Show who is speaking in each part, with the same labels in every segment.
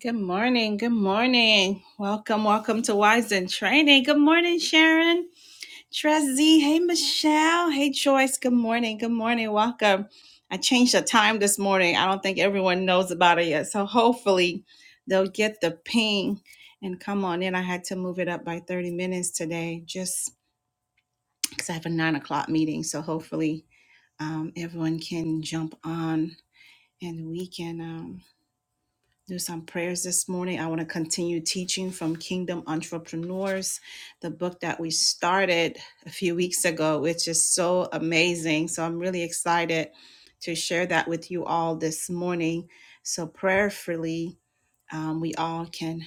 Speaker 1: Good morning. Good morning. Welcome, welcome to Wise and Training. Good morning, Sharon, Trezzy. Hey, Michelle. Hey, Joyce. Good morning. Good morning. Welcome. I changed the time this morning. I don't think everyone knows about it yet. So hopefully they'll get the ping and come on in. I had to move it up by 30 minutes today just because I have a nine o'clock meeting. So hopefully um, everyone can jump on and we can. Um, do some prayers this morning. I want to continue teaching from Kingdom Entrepreneurs, the book that we started a few weeks ago, which is so amazing. So I'm really excited to share that with you all this morning. So prayerfully, um, we all can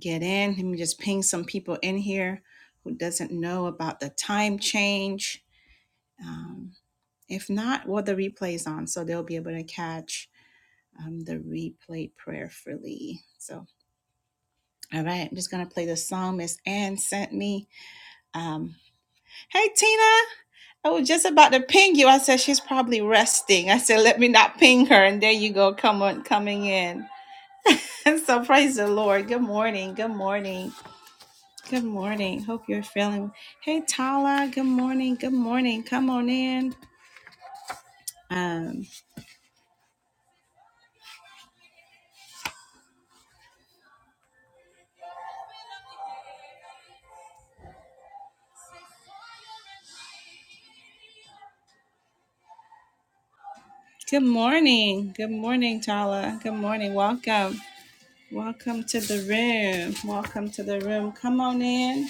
Speaker 1: get in. Let me just ping some people in here who doesn't know about the time change. Um, if not, well, the replay is on, so they'll be able to catch um, the replay prayerfully. So all right, I'm just gonna play the song Miss Ann sent me. Um, hey Tina, I was just about to ping you. I said she's probably resting. I said let me not ping her, and there you go, come on, coming in. And so praise the Lord. Good morning. Good morning. Good morning. Hope you're feeling. well. Hey Tala. Good morning. Good morning. Come on in. Um, good morning. Good morning, Tala. Good morning. Welcome. Welcome to the room. Welcome to the room. Come on in.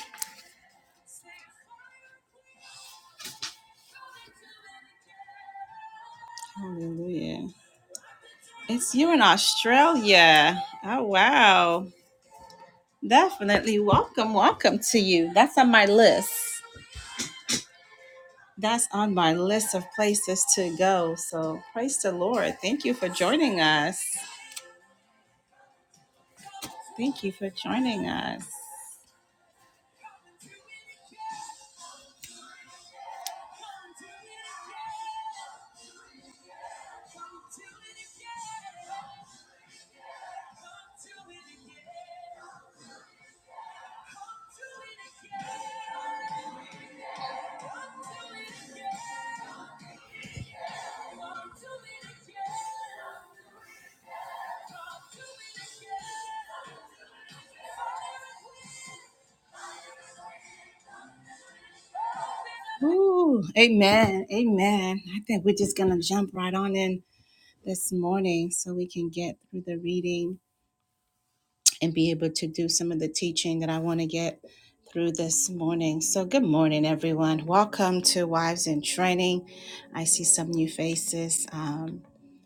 Speaker 1: Hallelujah. It's you in Australia. Oh, wow. Definitely welcome, welcome to you. That's on my list. That's on my list of places to go. So praise the Lord. Thank you for joining us. Thank you for joining us. Ooh, amen. Amen. I think we're just going to jump right on in this morning so we can get through the reading and be able to do some of the teaching that I want to get through this morning. So, good morning, everyone. Welcome to Wives in Training. I see some new faces. Um,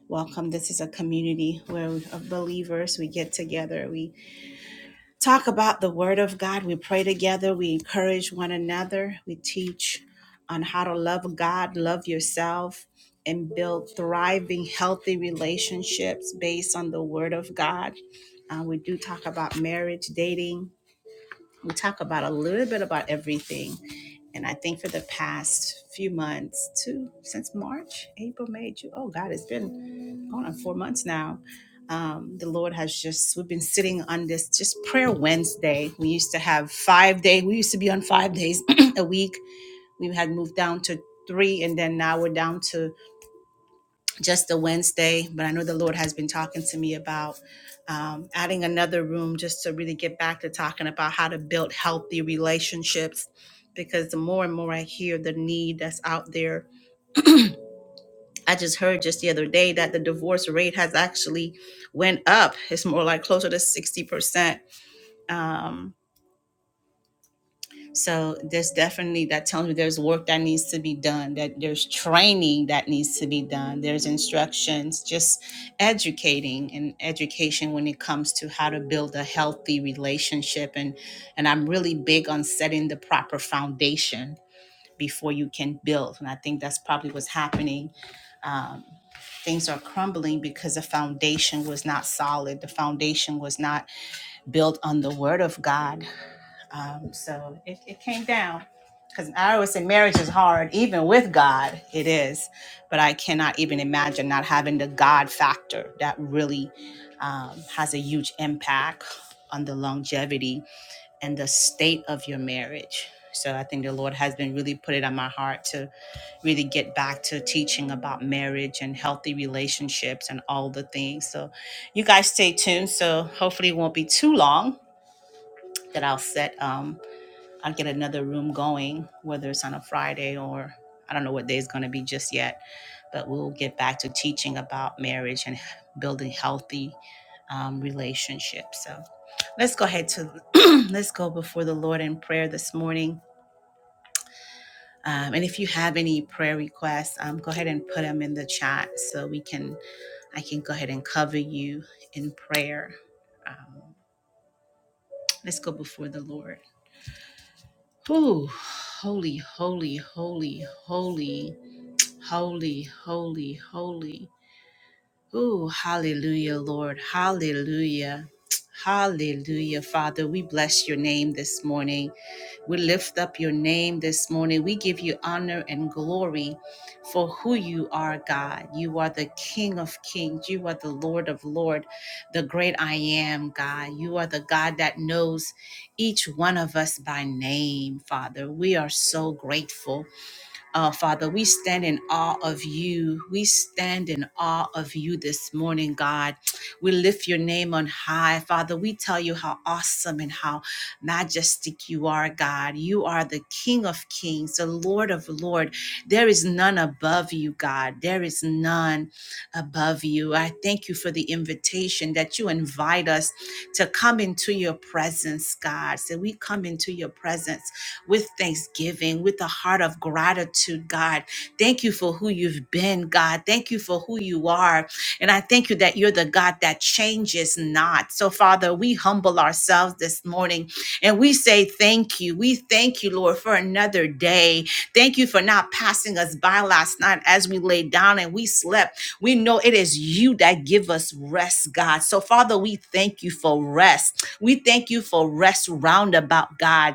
Speaker 1: welcome. This is a community where we- of believers we get together. We talk about the Word of God. We pray together. We encourage one another. We teach on how to love God, love yourself, and build thriving, healthy relationships based on the Word of God. Uh, we do talk about marriage, dating. We talk about a little bit about everything. And I think for the past few months, too, since March, April, May, June, oh God, it's been going on four months now. Um, the Lord has just we've been sitting on this just prayer Wednesday. We used to have five day. We used to be on five days a week. We had moved down to three, and then now we're down to just the Wednesday. But I know the Lord has been talking to me about um, adding another room just to really get back to talking about how to build healthy relationships. Because the more and more I hear the need that's out there I just heard just the other day that the divorce rate has actually went up. It's more like closer to 60%. Um, so there's definitely that tells me there's work that needs to be done, that there's training that needs to be done, there's instructions, just educating and education when it comes to how to build a healthy relationship. And and I'm really big on setting the proper foundation before you can build. And I think that's probably what's happening um, things are crumbling because the foundation was not solid. The foundation was not built on the word of God. Um, so it, it came down. Because I always say marriage is hard, even with God, it is. But I cannot even imagine not having the God factor that really um, has a huge impact on the longevity and the state of your marriage. So I think the Lord has been really put it on my heart really get back to teaching about marriage and healthy relationships and all the things. So you guys stay tuned. So hopefully it won't be too long that I'll set um I'll get another room going, whether it's on a Friday or I don't know what day is gonna be just yet, but we'll get back to teaching about marriage and building healthy um, relationships. So let's go ahead to let's go before the Lord in prayer this morning. Um, and if you have any prayer requests, um, go ahead and put them in the chat so we can I can go ahead and cover you in prayer. Um, let's go before the Lord. Ooh, Holy, holy, holy, holy, holy, holy, holy. Ooh, hallelujah, Lord. Hallelujah. Hallelujah, Father. We bless your name this morning. We lift up your name this morning. We give you honor and glory for who you are, God. You are the King of kings. You are the Lord of lords, the great I am, God. You are the God that knows each one of us by name, Father. We are so grateful. Uh, Father, we stand in awe of you. We stand in awe of you this morning, God. We lift your name on high. Father, we tell you how awesome and how majestic you are, God. You are the King of kings, the Lord of lords. There is none above you, God. There is none above you. I thank you for the invitation that you invite us to come into your presence, God. So we come into your presence with thanksgiving, with a heart of gratitude, God. Thank you for who you've been, God. Thank you for who you are. And I thank you that you're the God that changes not. So, Father, we humble ourselves this morning and we say thank you. We thank you, Lord, for another day. Thank you for not passing us by last night as we lay down and we slept. We know it is you that give us rest, God. So, Father, we thank you for rest. We thank you for rest roundabout, God.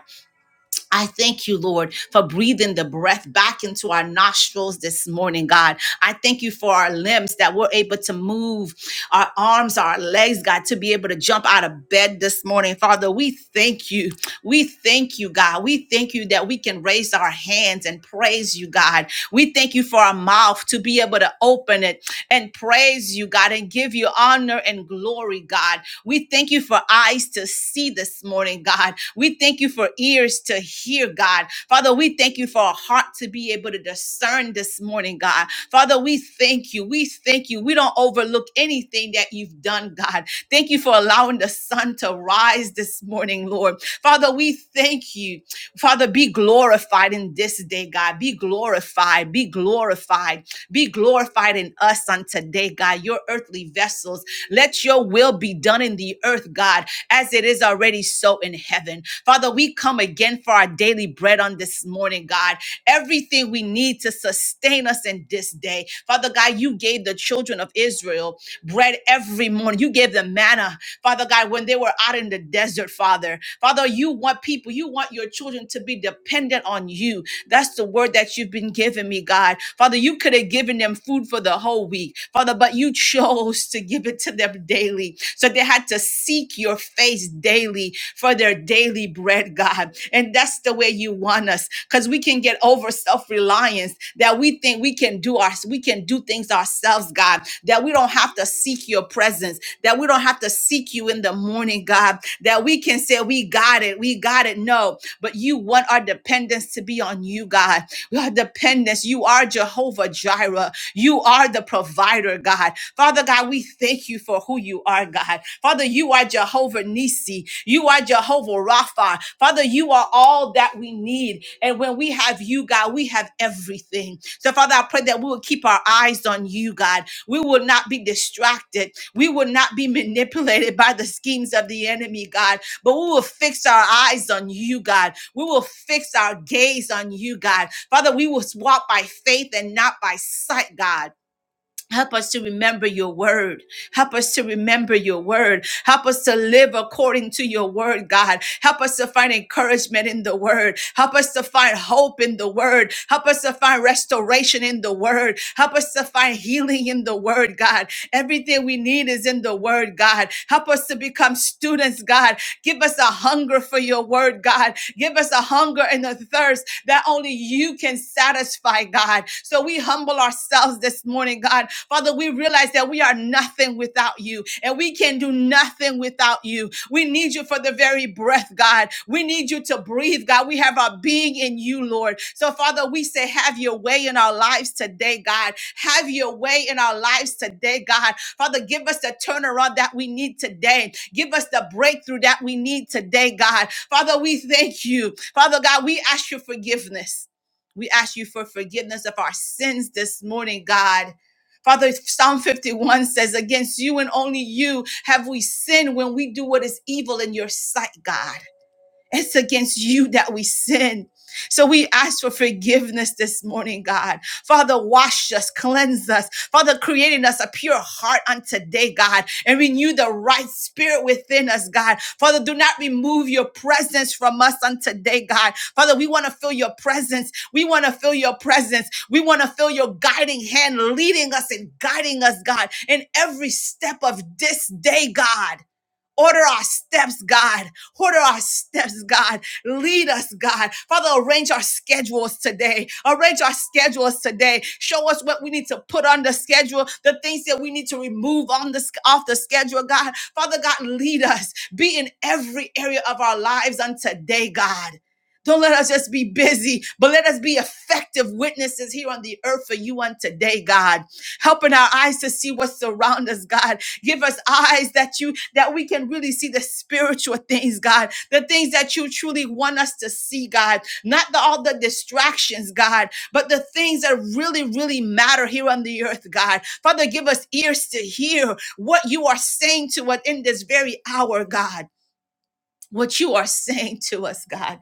Speaker 1: I thank you, Lord, for breathing the breath back into our nostrils this morning, God. I thank you for our limbs that we're able to move, our arms, our legs, God, to be able to jump out of bed this morning. Father, we thank you. We thank you, God. We thank you that we can raise our hands and praise you, God. We thank you for our mouth to be able to open it and praise you, God, and give you honor and glory, God. We thank you for eyes to see this morning, God. We thank you for ears to hear, God. Father, we thank you for a heart to be able to discern this morning, God. Father, we thank you. We thank you. We don't overlook anything that you've done, God. Thank you for allowing the sun to rise this morning, Lord. Father, we thank you. Father, be glorified in this day, God. Be glorified. Be glorified. Be glorified in us on today, God. Your earthly vessels. Let your will be done in the earth, God, as it is already so in heaven. Father, we come again for our daily bread on this morning, God. Everything we need to sustain us in this day. Father God, you gave the children of Israel bread every morning. You gave them manna Father God, when they were out in the desert, Father. Father, you want people, you want your children to be dependent on you. That's the word that you've been giving me, God. Father, you could have given them food for the whole week, Father, but you chose to give it to them daily. So they had to seek your face daily hungry for their daily bread, God. And that's the way you want us because we can get over self reliance that we think we can do our, we can do things ourselves, God, that we don't have to seek your presence, that we don't have to seek you in the morning, God, that we can say, We got it, we got it. No, but you want our dependence to be on you, God. Our dependence, you are Jehovah Jireh, you are the provider, God. Father God, we thank you for who you are, God. Father, you are Jehovah Nissi. You are Jehovah Rapha. Father, you are all that we need. And when we have you, God, we have everything. So, Father, I pray that we will keep our eyes on you, God. We will not be distracted. We will not be manipulated by the schemes of the enemy, God. But we will fix our eyes on you, God. We will fix our gaze on you, God. Father, we will walk by faith and not by sight, God. Help us to remember your word. Help us to remember your word. Help us to live according to your word, God. Help us to find encouragement in the word. Help us to find hope in the word. Help us to find restoration in the word. Help us to find healing in the word, God. Everything we need is in the word, God. Help us to become students, God. Give us a hunger for your word, God. Give us a hunger and a thirst that only you can satisfy, God. So we humble ourselves this morning, God Father, we realize that we are nothing without you and we can do nothing without you. We need you for the very breath, God. We need you to breathe, God. We have our being in you, Lord. So, Father, we say, have your way in our lives today, God. Have your way in our lives today, God. Father, give us the turnaround that we need today. Give us the breakthrough that we need today, God. Father, we thank you. Father God, we ask your forgiveness. We ask you for forgiveness of our sins this morning, God. Father, Psalm 51 says, Against you and only you have we sinned when we do what is evil in your sight, God. It's against you that we sin. So we ask for forgiveness this morning, God. Father, wash us, cleanse us. Father, create in us a pure heart on today, God, and renew the right spirit within us, God. Father, do not remove your presence from us on today, God. Father, we want to feel your presence. We want to feel your presence. We want to feel your guiding hand leading us and guiding us, God, in every step of this day, God. Order our steps, God. Order our steps, God. Lead us, God. Father, arrange our schedules today. Arrange our schedules today. Show us what we need to put on the schedule, the things that we need to remove on the off the schedule, God. Father God, lead us. Be in every area of our lives on today, God. Don't let us just be busy, but let us be effective witnesses here on the earth for you on today, God. Helping our eyes to see what surrounds us, God Give us eyes that you that we can really see the spiritual things, God, the things that you truly want us to see, God, not the, all the distractions, God, but the things that really, really matter here on the earth, God. Father, give us ears to hear what you are saying to us in this very hour, God. What you are saying to us, God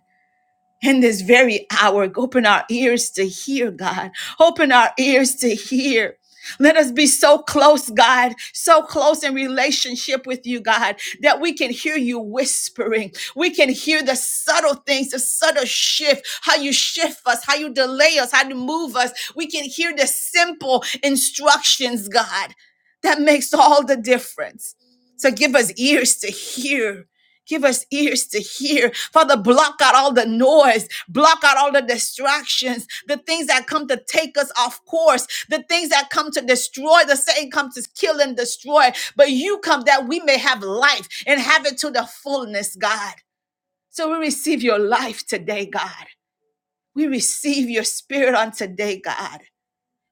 Speaker 1: in this very hour. Open our ears to hear, God. Open our ears to hear. Let us be so close, God, so close in relationship with you, God, that we can hear you whispering. We can hear the subtle things, the subtle shift, how you shift us, how you delay us, how you move us. We can hear the simple instructions, God. That makes all the difference. So give us ears to hear Give us ears to hear. Father, block out all the noise, block out all the distractions, the things that come to take us off course, the things that come to destroy. The Satan comes to kill and destroy, but you come that we may have life and have it to the fullness, God. So we receive your life today, God. We receive your spirit on today, God.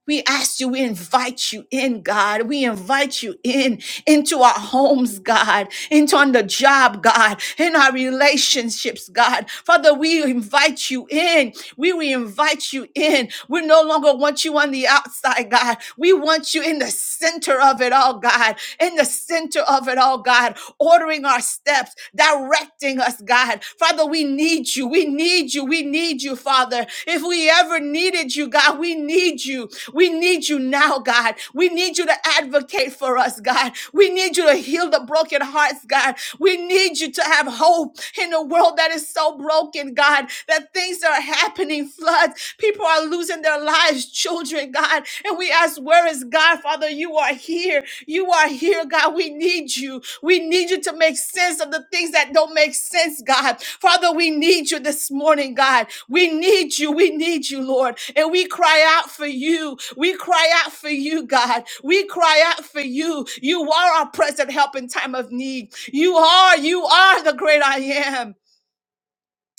Speaker 1: We ask you, we invite you in, God. We invite you in into our homes, God, into on the job, God, in our relationships, God. Father, we invite you in. We, we invite you in. We no longer want you on the outside, God. We want you in the center of it all, God. In the center of it all, God. Ordering ordering our steps, directing us, God. Father, we need you. We need you. We need you, Father. If we ever needed you, God, we need you. We need you now, God. We need you to advocate for us, God. We need you to heal the broken hearts, God. We need you to have hope in a world that is so broken, God, that things are happening, floods, people are losing their lives, children, God. And we ask, Where is God, Father? You are here. You are here, God. We need you. We need you to make sense of the things that don't make sense, God. Father, we need you this morning, God. We need you. We need you, Lord. And we cry out for you. We cry out for you, God. We cry out for you. You are our present help in time of need. You are, you are the great I am.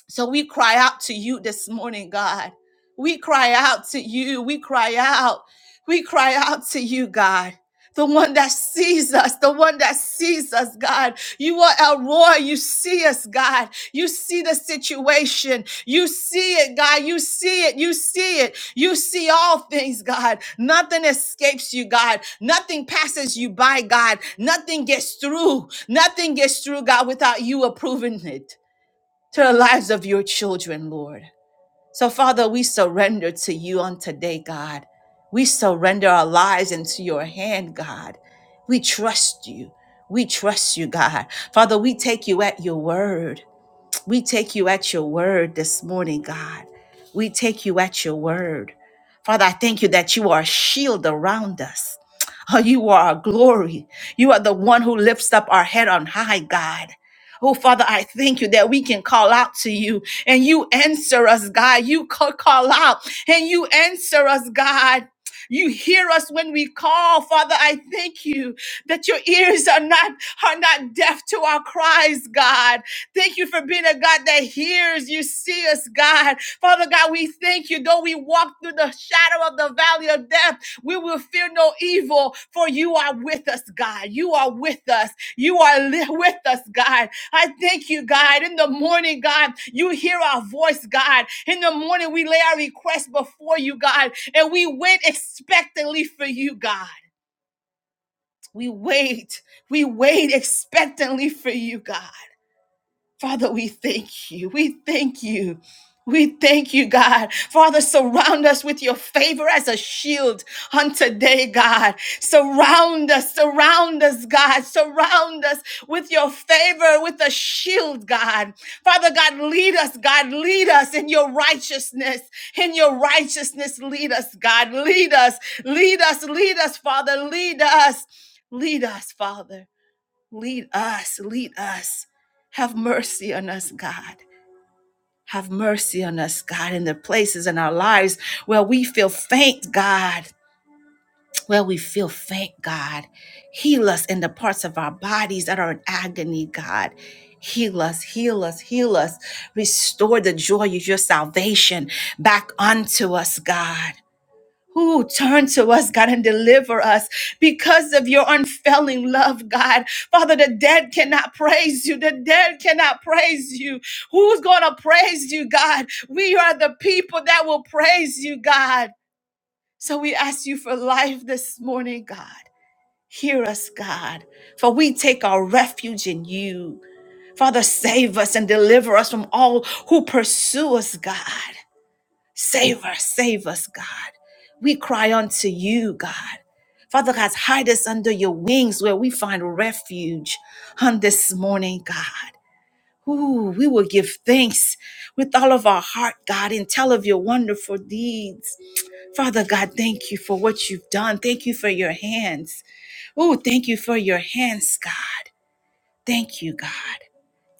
Speaker 1: So we cry out to you this morning, God. We cry out to you. We cry out. We cry out to you, God. The one that sees us, the one that sees us, God. You are El Roy. You see us, God. You see the situation. You see it, God. You see it. You see it. You see all things, God. Nothing escapes you, God. Nothing passes you by, God. Nothing gets through. Nothing gets through, God, without you approving it to the lives of your children, Lord. So, Father, we surrender to you on today, God. We surrender our lives into your hand, God. We trust you. We trust you, God. Father, we take you at your word. We take you at your word this morning, God. We take you at your word. Father, I thank you that you are a shield around us. Oh, you are our glory. You are the one who lifts up our head on high, God. Oh, Father, I thank you that we can call out to you and you answer us, God. You ca- call out and you answer us, God. You hear us when we call, Father. I thank you that your ears are not are not deaf to our cries, God. Thank you for being a God that hears. You see us, God. Father God, we thank you. Though we walk through the shadow of the valley of death, we will fear no evil, for you are with us, God. You are with us. You are li- with us, God. I thank you, God. In the morning, God, you hear our voice, God. In the morning, we lay our requests before you, God, and we wait expectantly for you, God. We wait. We wait expectantly for you, God. Father, we thank you. We thank you. We thank you, God. Father, surround us with your favor as a shield on today, God. Surround us, surround us, God. Surround us with your favor, with a shield, God. Father God, lead us, God. Lead us in your righteousness. In your righteousness, lead us, God. Lead us, lead us, lead us, Father. Lead us, lead us, Father. Lead us, lead us. Have mercy on us, God. Have mercy on us, God, in the places in our lives where we feel faint, God, where we feel faint, God. Heal us in the parts of our bodies that are in agony, God. Heal us, heal us, heal us. Restore the joy of your salvation back unto us, God who turn to us, God, and deliver us because of your unfailing love, God. Father, the dead cannot praise you. The dead cannot praise you. Who's going to praise you, God? We are the people that will praise you, God. So we ask you for life this morning, God. Hear us, God, for we take our refuge in you. Father, save us and deliver us from all who pursue us, God. Save us, save us, God. We cry unto you, God. Father God, hide us under your wings where we find refuge on this morning, God. Ooh, we will give thanks with all of our heart, God, and tell of your wonderful deeds. Father God, thank you for what you've done. Thank you for your hands. Ooh, thank you for your hands, God. Thank you, God.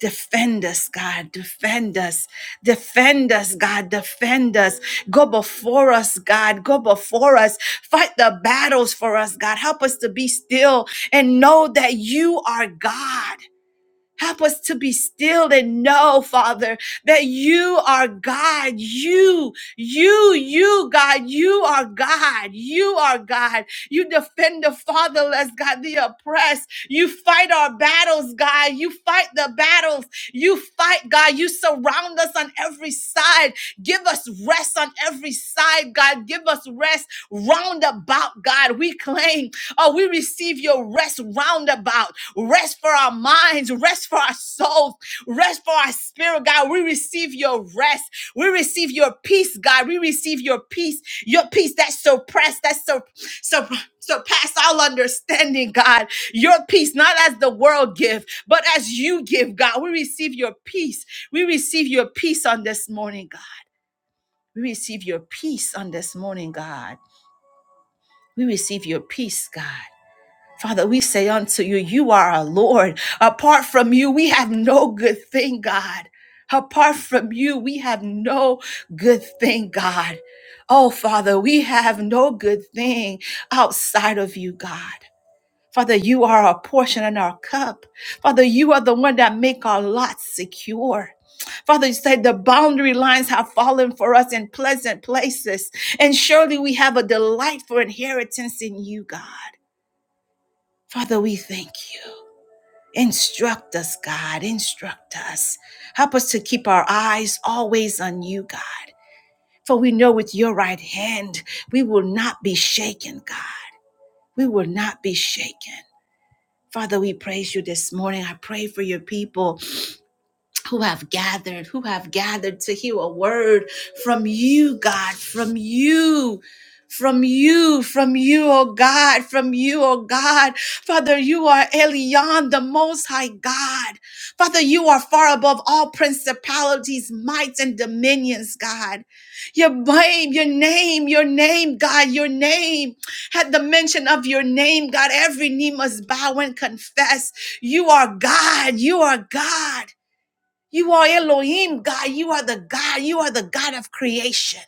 Speaker 1: Defend us, God. Defend us. Defend us, God. Defend us. Go before us, God. Go before us. Fight the battles for us, God. Help us to be still and know that you are God. Help us to be still and know, Father, that you are God. You, you, you, God, you are God. You are God. You defend the fatherless, God, the oppressed. You fight our battles, God. You fight the battles. You fight, God. You surround us on every side. Give us rest on every side, God. Give us rest roundabout, God. We claim, oh, we receive your rest roundabout rest for our minds, rest for our souls, rest for our spirit, God. We receive your rest. We receive your peace, God. We receive your peace, your peace that surpass, that sur- sur- surpass all understanding, God. Your peace, not as the world give, but as you give, God. We receive your peace. We receive your peace on this morning, God. We receive your peace on this morning, God. We receive your peace, God. Father, we say unto you, you are our Lord. Apart from you, we have no good thing, God. Apart from you, we have no good thing, God. Oh, Father, we have no good thing outside of you, God. Father, you are our portion and our cup. Father, you are the one that make our lot secure. Father, you said the boundary lines have fallen for us in pleasant places, and surely we have a delightful inheritance in you, God. Father, we thank you. Instruct us, God. Instruct us. Help us to keep our eyes always on you, God. For we know with your right hand, we will not be shaken, God. We will not be shaken. Father, we praise you this morning. I pray for your people who have gathered, who have gathered to hear a word from you, God, from you. From you, from you, oh God, from you, oh God. Father, you are Elion, the Most High God. Father, you are far above all principalities, mights, and dominions, God. Your name, your name, your name, God, your name. At the mention of your name, God, every knee must bow and confess. You are God, you are God. You are Elohim, God. You are the God. You are the God of creation.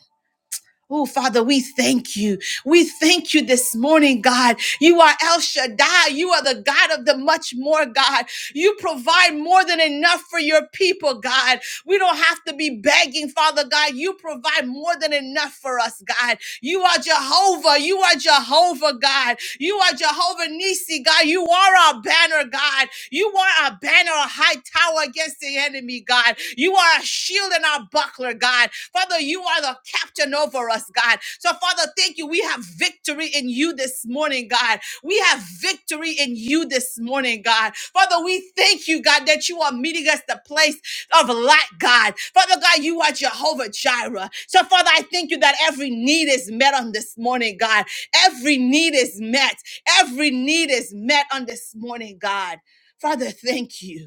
Speaker 1: Oh, Father, we thank you. We thank you this morning, God. You are El Shaddai. You are the God of the much more, God. You provide more than enough for your people, God. We don't have to be begging, Father God. You provide more than enough for us, God. You are Jehovah. You are Jehovah, God. You are Jehovah Nisi, God. You are our banner, God. You are our banner, a high tower against the enemy, God. You are a shield and our buckler, God. Father, you are the captain over us, God. So, Father, thank you. We have victory in you this morning, God. We have victory in you this morning, God. Father, we thank you, God, that you are meeting us the place of lack, God. Father God, you are Jehovah Jireh. So, Father, I thank you that every need is met on this morning, God. Every need is met. Every need is met on this morning, God. Father, thank you.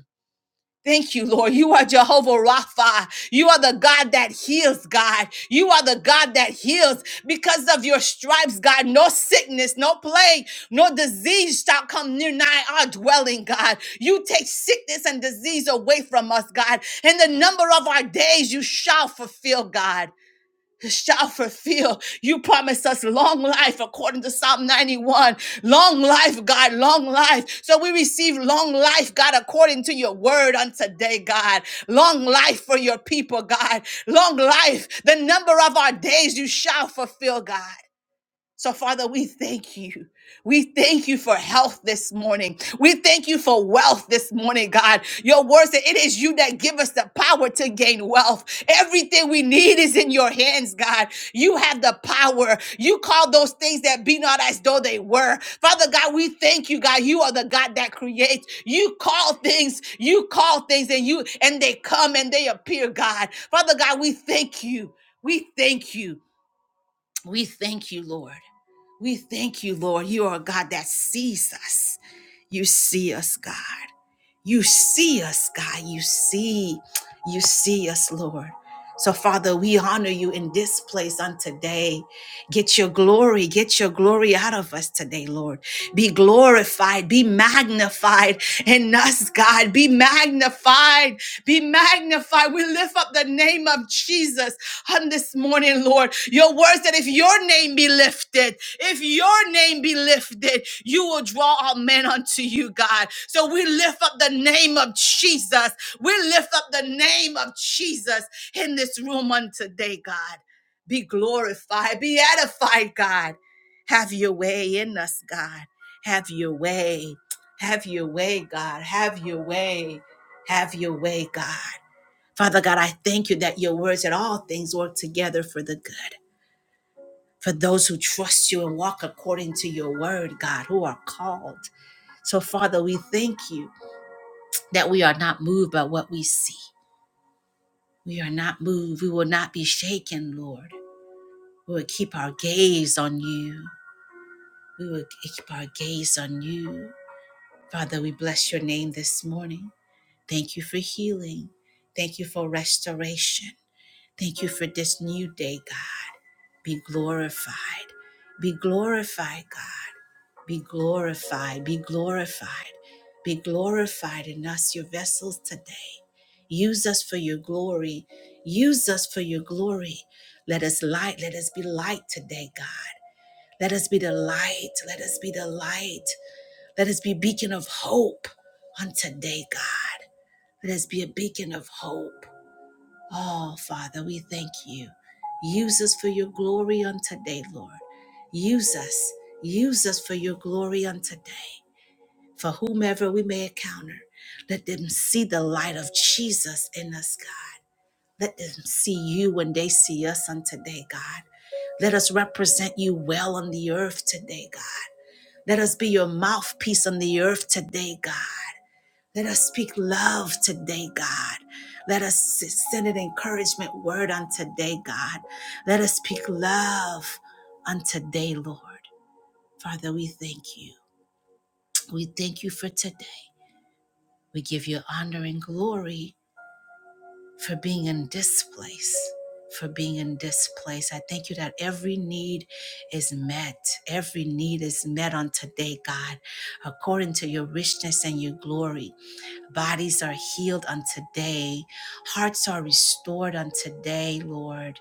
Speaker 1: Thank you, Lord. You are Jehovah Rapha. You are the God that heals, God. You are the God that heals because of your stripes, God. No sickness, no plague, no disease shall come near nigh our dwelling, God. You take sickness and disease away from us, God. And the number of our days you shall fulfill, God shall fulfill. You promised us long life according to Psalm 91. Long life, God, long life. So we receive long life, God, according to your word on today, God. Long life for your people, God. Long life, the number of our days you shall fulfill, God. So, Father, we thank you. We thank you for health this morning. We thank you for wealth this morning, God. Your word said it is you that give us the power to gain wealth. Everything we need is in your hands, God. You have the power. You call those things that be not as though they were. Father God, we thank you, God. You are the God that creates. You call things, you call things, and you and they come and they appear, God. Father God, we thank you. We thank you. We thank you, Lord. We thank you, Lord. You are a God that sees us. You see us, God. You see us, God. You see, you see us, Lord. So, Father, we honor you in this place on today. Get your glory, get your glory out of us today, Lord. Be glorified, be magnified in us, God. Be magnified, be magnified. We lift up the name of Jesus on this morning, Lord. Your words that if your name be lifted, if your name be lifted, you will draw all men unto you, God. So we lift up the name of Jesus. We lift up the name of Jesus in this room on today, God. Be glorified, be edified, God. Have your way in us, God. Have your way. Have your way, God. Have your way. Have your way, God. Father God, I thank you that your words that all things work together for the good. For those who trust you and walk according to your word, God, who are called. So, Father, we thank you that we are not moved by what we see. We are not moved. We will not be shaken, Lord. We will keep our gaze on you. We will keep our gaze on you. Father, we bless your name this morning. Thank you for healing. Thank you for restoration. Thank you for this new day, God. Be glorified. Be glorified, God. Be glorified. Be glorified. Be glorified in us, your vessels today. Use us for your glory. Use us for your glory. Let us light. Let us be light today, God. Let us be the light. Let us be the light. Let us be a beacon of hope on today, God. Let us be a beacon of hope. Oh, Father, we thank you. Use us for your glory on today, Lord. Use us. Use us for your glory on today. For whomever we may encounter, let them see the light of Jesus in us, God. Let them see you when they see us on today, God. Let us represent you well on the earth today, God. Let us be your mouthpiece on the earth today, God. Let us speak love today, God. Let us send an encouragement word on today, God. Let us speak love on today, Lord. Father, we thank you. We thank you for today. We give you honor and glory for being in this place. For being in this place. I thank you that every need is met. Every need is met on today, God, according to your richness and your glory. Bodies are healed on today. Hearts are restored on today, Lord.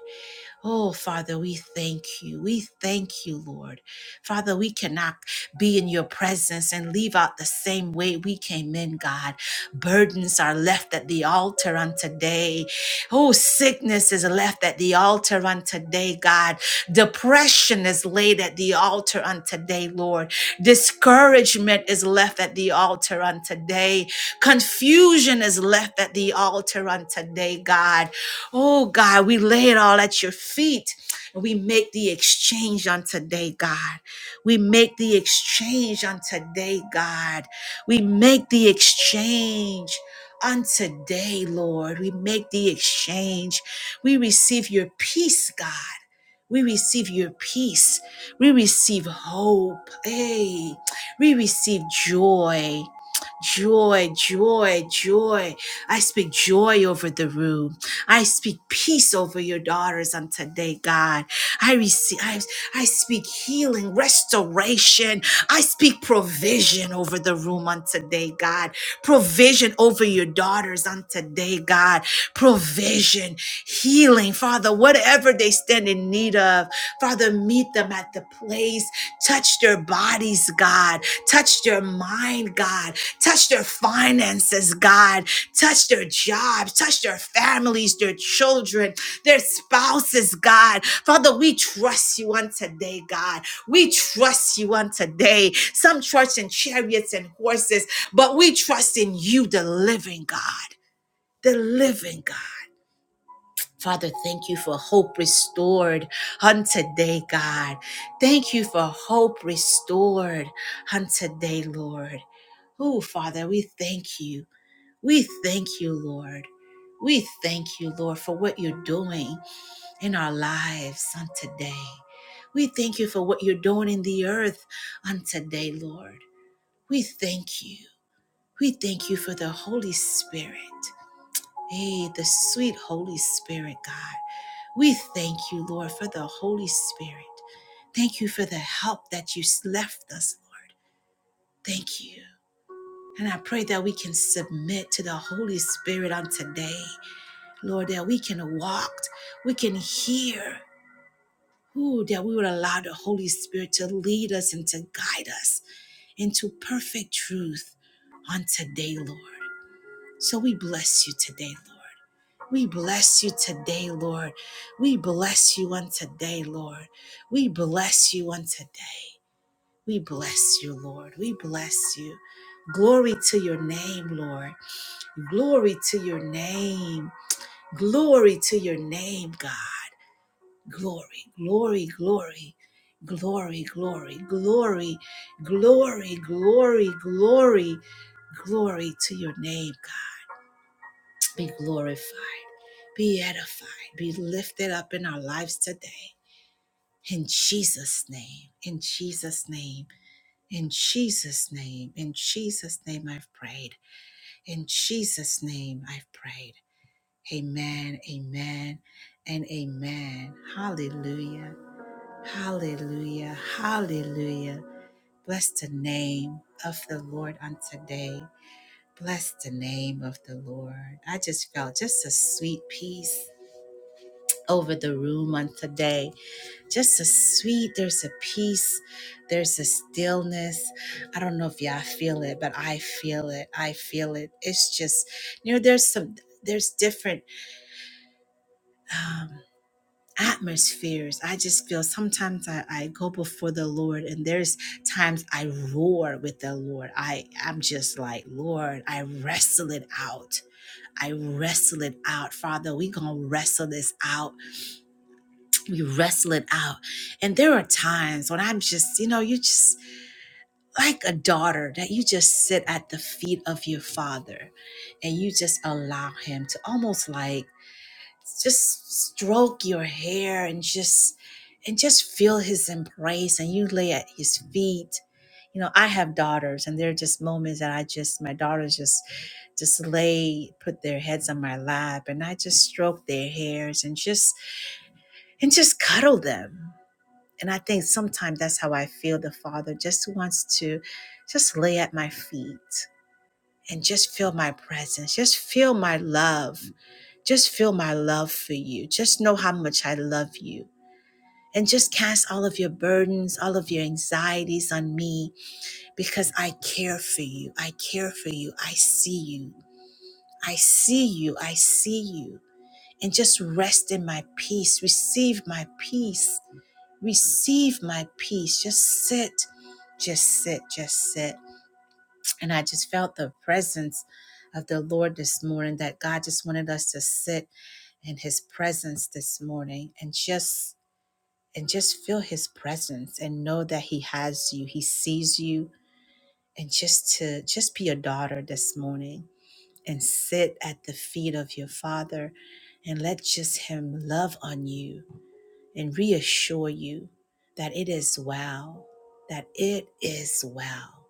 Speaker 1: Oh, Father, we thank you. We thank you, Lord. Father, we cannot be in your presence and leave out the same way we came in, God. Burdens are left at the altar on today. Oh, sickness is left at the altar on today, God. Depression is laid at the altar on today, Lord. Discouragement is left at the altar on today. Confusion is left at the altar on today, God. Oh God, we lay it all at your feet and we make the exchange on today, God. We make the exchange on today, God. We make the exchange on today, Lord. We make the exchange. We receive your peace, God. We receive your peace. We receive hope. Hey, we receive joy. Joy, joy, joy. I speak joy over the room. I speak peace over your daughters on today, God. I receive, I, I speak healing, restoration. I speak provision over the room on today, God. Provision over your daughters on today, God. Provision, healing, Father, whatever they stand in need of, Father, meet them at the place. Touch their bodies, God. Touch their mind, God. Touch their finances, God. Touch their jobs, touch their families, their children, their spouses, God. Father, we trust you on today, God. We trust you on today. Some trust in chariots and horses, but we trust in you, the living God, the living God. Father, thank you for hope restored on today, God. Thank you for hope restored on today, Lord. Oh, Father, we thank you. We thank you, Lord. We thank you, Lord, for what you're doing in our lives on today. We thank you for what you're doing in the earth on today, Lord. We thank you. We thank you for the Holy Spirit. Hey, the sweet Holy Spirit, God. We thank you, Lord, for the Holy Spirit. Thank you for the help that you left us, Lord. Thank you. And I pray that we can submit to the Holy Spirit on today. Lord, that we can walk, we can hear. Ooh, that we would allow the Holy Spirit to lead us and to guide us into perfect truth on today, Lord. So we bless you today, Lord. We bless you today, Lord. We bless you on today, Lord. We bless you on today. We bless you, Lord. We bless you. Glory to your name, Lord. Glory to your name. Glory to your name, God. glory, glory, glory, glory, glory, glory, glory, glory, glory, glory to your name, God. Be glorified, be edified, be lifted up in our lives today. In Jesus' name, in Jesus' name, in Jesus' name, in Jesus' name I've prayed. In Jesus' name I've prayed. Amen, amen, and amen. Hallelujah. Hallelujah. Hallelujah. Bless the name of the Lord on today. Bless the name of the Lord. I just felt just a sweet peace over the room on today. Just a sweet, there's a peace, there's a stillness. I don't know if y'all feel it, but I feel it. I feel it. It's just, you know, there's some, there's different. Um, atmospheres. I just feel sometimes I, I go before the Lord and there's times I roar with the Lord. I I'm just like, Lord, I wrestle it out. I wrestle it out. Father, we gonna wrestle this out. We wrestle it out. And there are times when I'm just, you know, you just like a daughter that you just sit at the feet of your father and you just allow him to almost like just stroke your hair and just and just feel his embrace and you lay at his feet you know i have daughters and there are just moments that i just my daughters just just lay put their heads on my lap and i just stroke their hairs and just and just cuddle them and i think sometimes that's how i feel the father just wants to just lay at my feet and just feel my presence. Just feel my love. Just feel my love for you. Just know how much I love you. And just cast all of your burdens, all of your anxieties on me because I care for you. I care for you. I see you. I see you. I see you. And just rest in my peace. Receive my peace. Receive my peace. Just sit. Just sit. Just sit and I just felt the presence of the Lord this morning that God just wanted us to sit in his presence this morning and just and just feel his presence and know that he has you, he sees you and just to just be a daughter this morning and sit at the feet of your father and let just him love on you and reassure you that it is well, that it is well.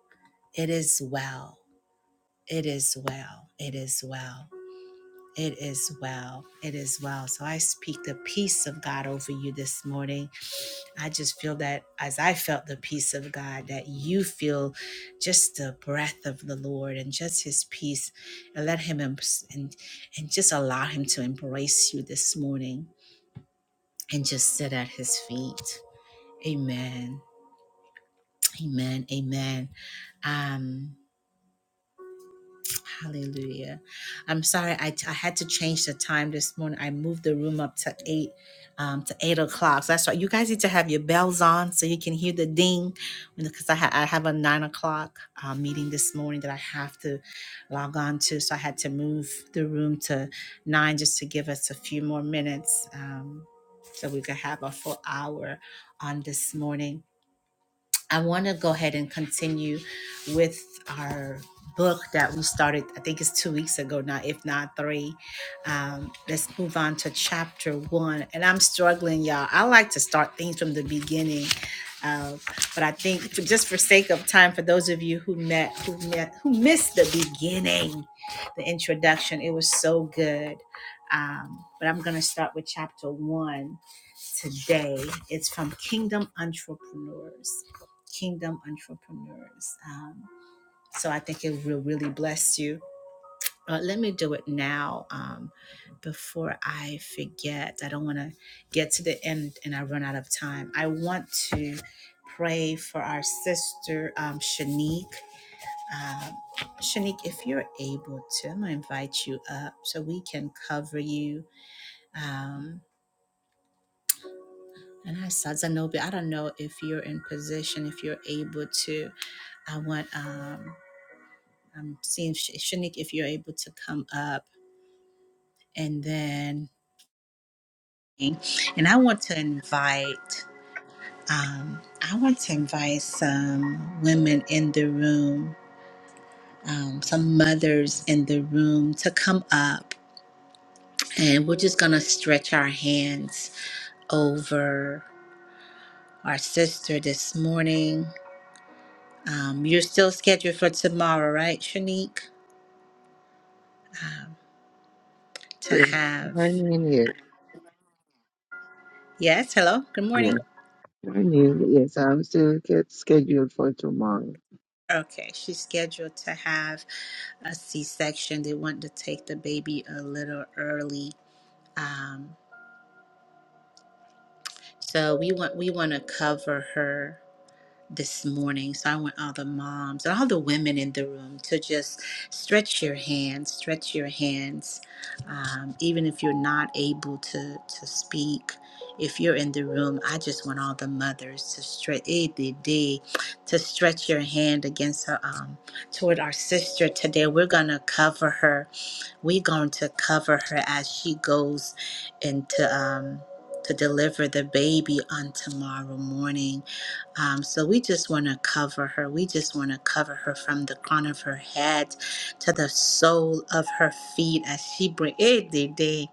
Speaker 1: It is well. It is well. It is well. It is well. It is well. So I speak the peace of God over you this morning. I just feel that as I felt the peace of God, that you feel just the breath of the Lord and just his peace and let him em- and, and just allow him to embrace you this morning and just sit at his feet. Amen. Amen. Amen. Um. Hallelujah. I'm sorry, I, I had to change the time this morning. I moved the room up to eight um, to eight o'clock. So that's right. You guys need to have your bells on so you can hear the ding, because I, ha- I have a nine o'clock uh, meeting this morning that I have to log on to. So I had to move the room to nine just to give us a few more minutes, um, so we could have a full hour on this morning. I want to go ahead and continue with our book that we started, I think it's two weeks ago now, if not three. Um, let's move on to chapter one. And I'm struggling, y'all. I like to start things from the beginning. Uh, but I think for, just for sake of time, for those of you who met, who met, who missed the beginning, the introduction, it was so good. Um, but I'm going to start with chapter one today. It's from Kingdom Entrepreneurs Kingdom Entrepreneurs. Um, so I think it will really bless you. Uh, let me do it now um, before I forget. I don't want to get to the end and I run out of time. I want to pray for our sister um, Shanique. Um, Shanique, if you're able to, I'm gonna invite you up so we can cover you. Um, and I saw Zanobi. I don't know if you're in position, if you're able to. I want. Um, I'm seeing Sh- Shanik if you're able to come up, and then and I want to invite um, I want to invite some women in the room, um, some mothers in the room to come up, and we're just gonna stretch our hands over our sister this morning. Um, you're still scheduled for tomorrow, right, Shanique? Um, to
Speaker 2: Yes,
Speaker 1: have
Speaker 2: Morning, yes,
Speaker 1: yes, hello, good morning.
Speaker 2: yes. Morning, yes. I'm still get scheduled for tomorrow.
Speaker 1: Okay, she's scheduled to have a C-section. They want to take the baby a little early. Um, so we want we want to cover her. this morning. So I want all the moms and all the women in the room to just stretch your hands, stretch your hands. Um, even if you're not able to, to speak, if you're in the room, I just want all the mothers to stretch eh, the day to stretch your hand against her um, toward our sister today. We're gonna cover her we're going to cover her as she goes into um, to deliver the baby on tomorrow morning. Um, so we just want to cover her. We just want to cover her from the crown of her head to the sole of her feet as she brings day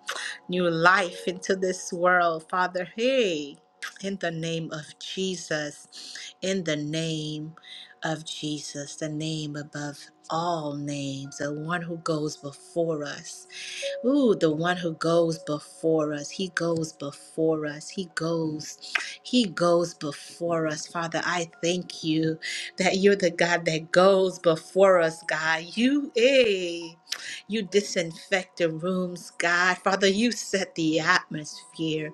Speaker 1: new life into this world, Father. Hey, in the name of Jesus, in the name of Jesus, the name above all names, the one who goes before us. Ooh, the one who goes before us. He goes before us. He goes, he goes before us. Father, I thank you that you're the God that goes before us, God. You, eh, you disinfect the rooms, God. Father, you set the atmosphere.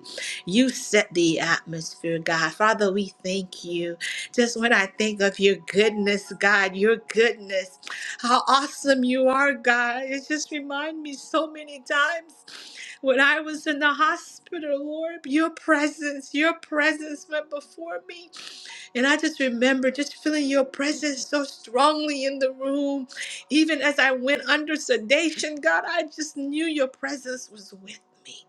Speaker 1: You set the atmosphere, God. Father, we thank you. Just when I think of your goodness, God, your goodness how awesome you are, God. It just reminds me so many times when I was in the hospital, Lord, your presence, your presence went before me. And I just remember just feeling your presence so strongly in the room. Even as I went under sedation, God, I just knew your presence was with me.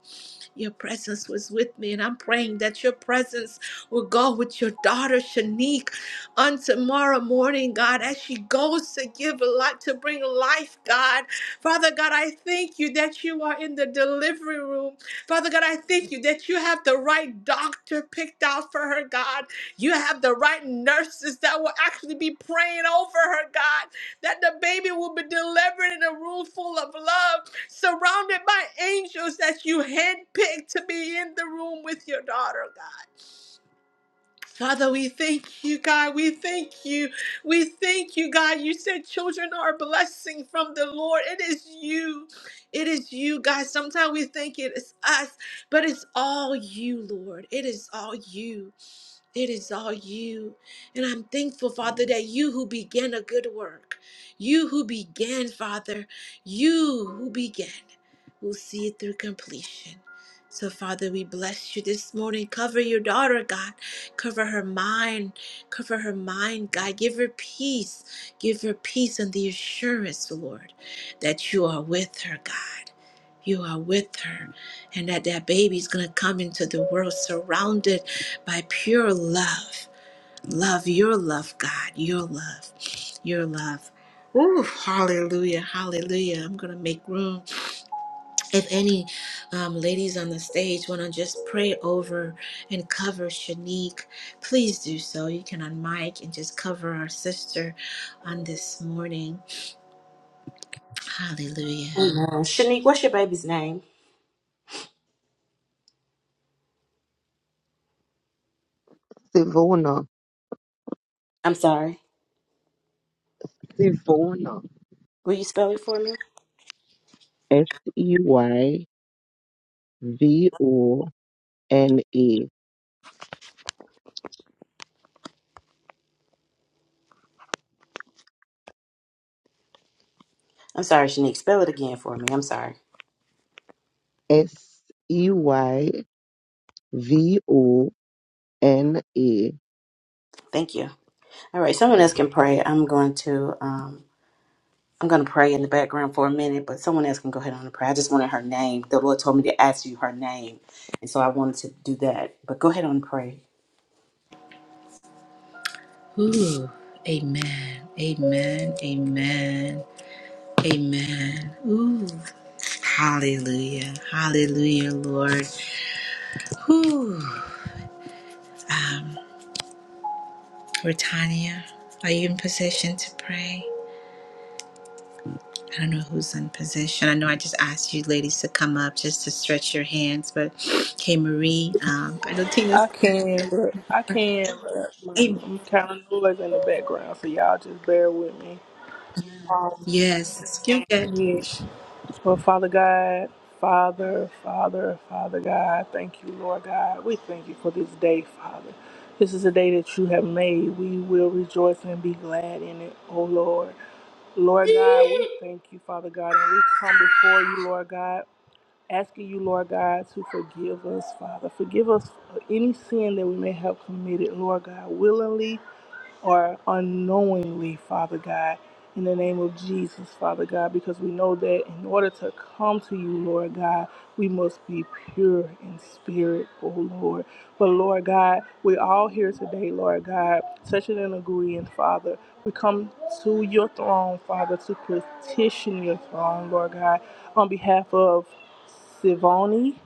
Speaker 1: Your presence was with me, and I'm praying that your presence will go with your daughter Shanique on tomorrow morning, God, as she goes to give a lot to bring life, God. Father God, I thank you that you are in the delivery room. Father God, I thank you that you have the right doctor picked out for her, God. You have the right nurses that will actually be praying over her, God, that the baby will be delivered in a room full of love surrounded by angels that you handpicked to be in the room with your daughter, God. Father, we thank you, God. We thank you. We thank you, God. You said children are a blessing from the Lord. It is you. It is you, God. Sometimes we think it is us, but it's all you, Lord. It is all you. It is all you. And I'm thankful, Father, that you who began a good work, you who began, Father, you who began, will see it through completion. So, Father, we bless you this morning. Cover your daughter, God. Cover her mind. Cover her mind, God. Give her peace. Give her peace and the assurance, Lord, that you are with her, God. You are with her, and that that baby's going to come into the world surrounded by pure love. Love, your love, God, your love, your love. Ooh, hallelujah, hallelujah. I'm going to make room. If any um, ladies on the stage want to just pray over and cover Shanique, please do so. You can unmic and just cover our sister on this morning. Hallelujah.
Speaker 3: Amen. Shanique, what's your baby's name?
Speaker 2: Sivona,
Speaker 3: I'm sorry.
Speaker 2: Sivona,
Speaker 3: Will you spell it for me?
Speaker 2: S E Y V O N A,
Speaker 3: I'm sorry, Shanique. Spell it again for me. I'm sorry.
Speaker 2: S E Y V O N A.
Speaker 3: Thank you. All right. Someone else can pray. I'm going to um I'm going to pray in the background for a minute, but someone else can go ahead on and pray. I just wanted her name. The Lord told me to ask you her name, and so I wanted to do that. But go ahead on and pray.
Speaker 1: Ooh, amen, amen, amen, amen. Hallelujah. Hallelujah, Lord. Ooh. Um, Britannia, are you in position to pray? I don't know who's in position. I know I just asked you ladies to come up just to stretch your hands, but hey, Marie, um, I know Tina's.
Speaker 4: I can, but I can, but my-
Speaker 1: Amen.
Speaker 4: I'm kind of noise in the background, so y'all just bear with me.
Speaker 1: Yes, you're good.
Speaker 4: Yeah. Well, Father God, Father, Father, Father God, thank you, Lord God. We thank you for this day, Father. This is a day that you have made. We will rejoice and be glad in it, oh Lord. Lord God, we thank you, Father God, and we come before you, Lord God, asking you, Lord God, to forgive us, Father. Forgive us for any sin that we may have committed, Lord God, willingly or unknowingly, Father God, in the name of Jesus, Father God, because we know that in order to come to you, Lord God, we must be pure in spirit, oh Lord. But Lord God, we're all here today, Lord God, touching and agreeing, Father. We come to your throne, Father, to petition your throne, Lord God, on behalf of Sivoni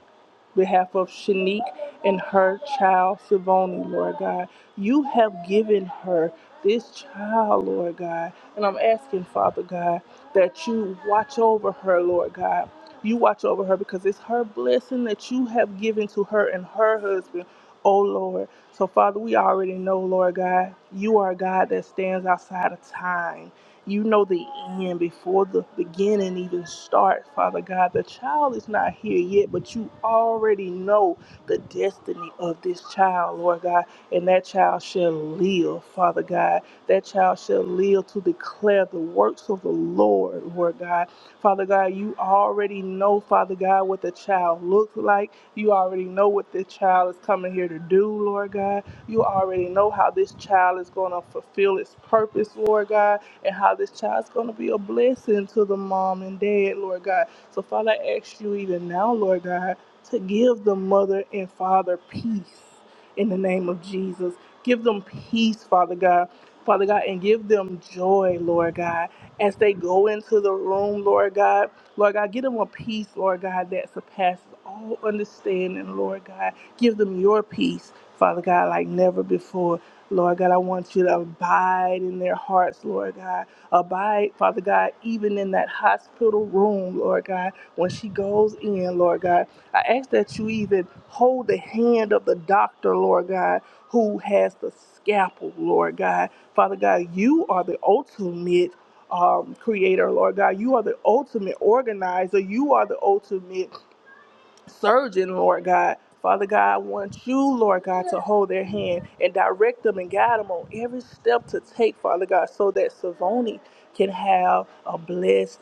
Speaker 4: behalf of Shanique and her child, Savoni, Lord God. You have given her this child, Lord God. And I'm asking, Father God, that you watch over her, Lord God. You watch over her because it's her blessing that you have given to her and her husband, oh Lord. So, Father, we already know, Lord God, you are a God that stands outside of time. You know the end before the beginning even starts, Father God. The child is not here yet, but you already know the destiny of this child, Lord God. And that child shall live, Father God. That child shall live to declare the works of the Lord, Lord God. Father God, you already know, Father God, what the child looks like. You already know what this child is coming here to do, Lord God. You already know how this child is going to fulfill its purpose, Lord God and how this child's going to be a blessing to the mom and dad, Lord God. So, Father, I ask you even now, Lord God, to give the mother and father peace in the name of Jesus. Give them peace, Father God. Father God, and give them joy, Lord God, as they go into the room, Lord God. Lord God, give them a peace, Lord God, that surpasses all understanding, Lord God. Give them your peace, Father God, like never before. Lord God, I want you to abide in their hearts, Lord God. Abide, Father God, even in that hospital room, Lord God, when she goes in, Lord God. I ask that you even hold the hand of the doctor, Lord God, who has the scalpel, Lord God. Father God, you are the ultimate um, creator, Lord God. You are the ultimate organizer. You are the ultimate surgeon, Lord God. Father God, I want you, Lord God, to hold their hand and direct them and guide them on every step to take, Father God, so that Savoni can have a blessed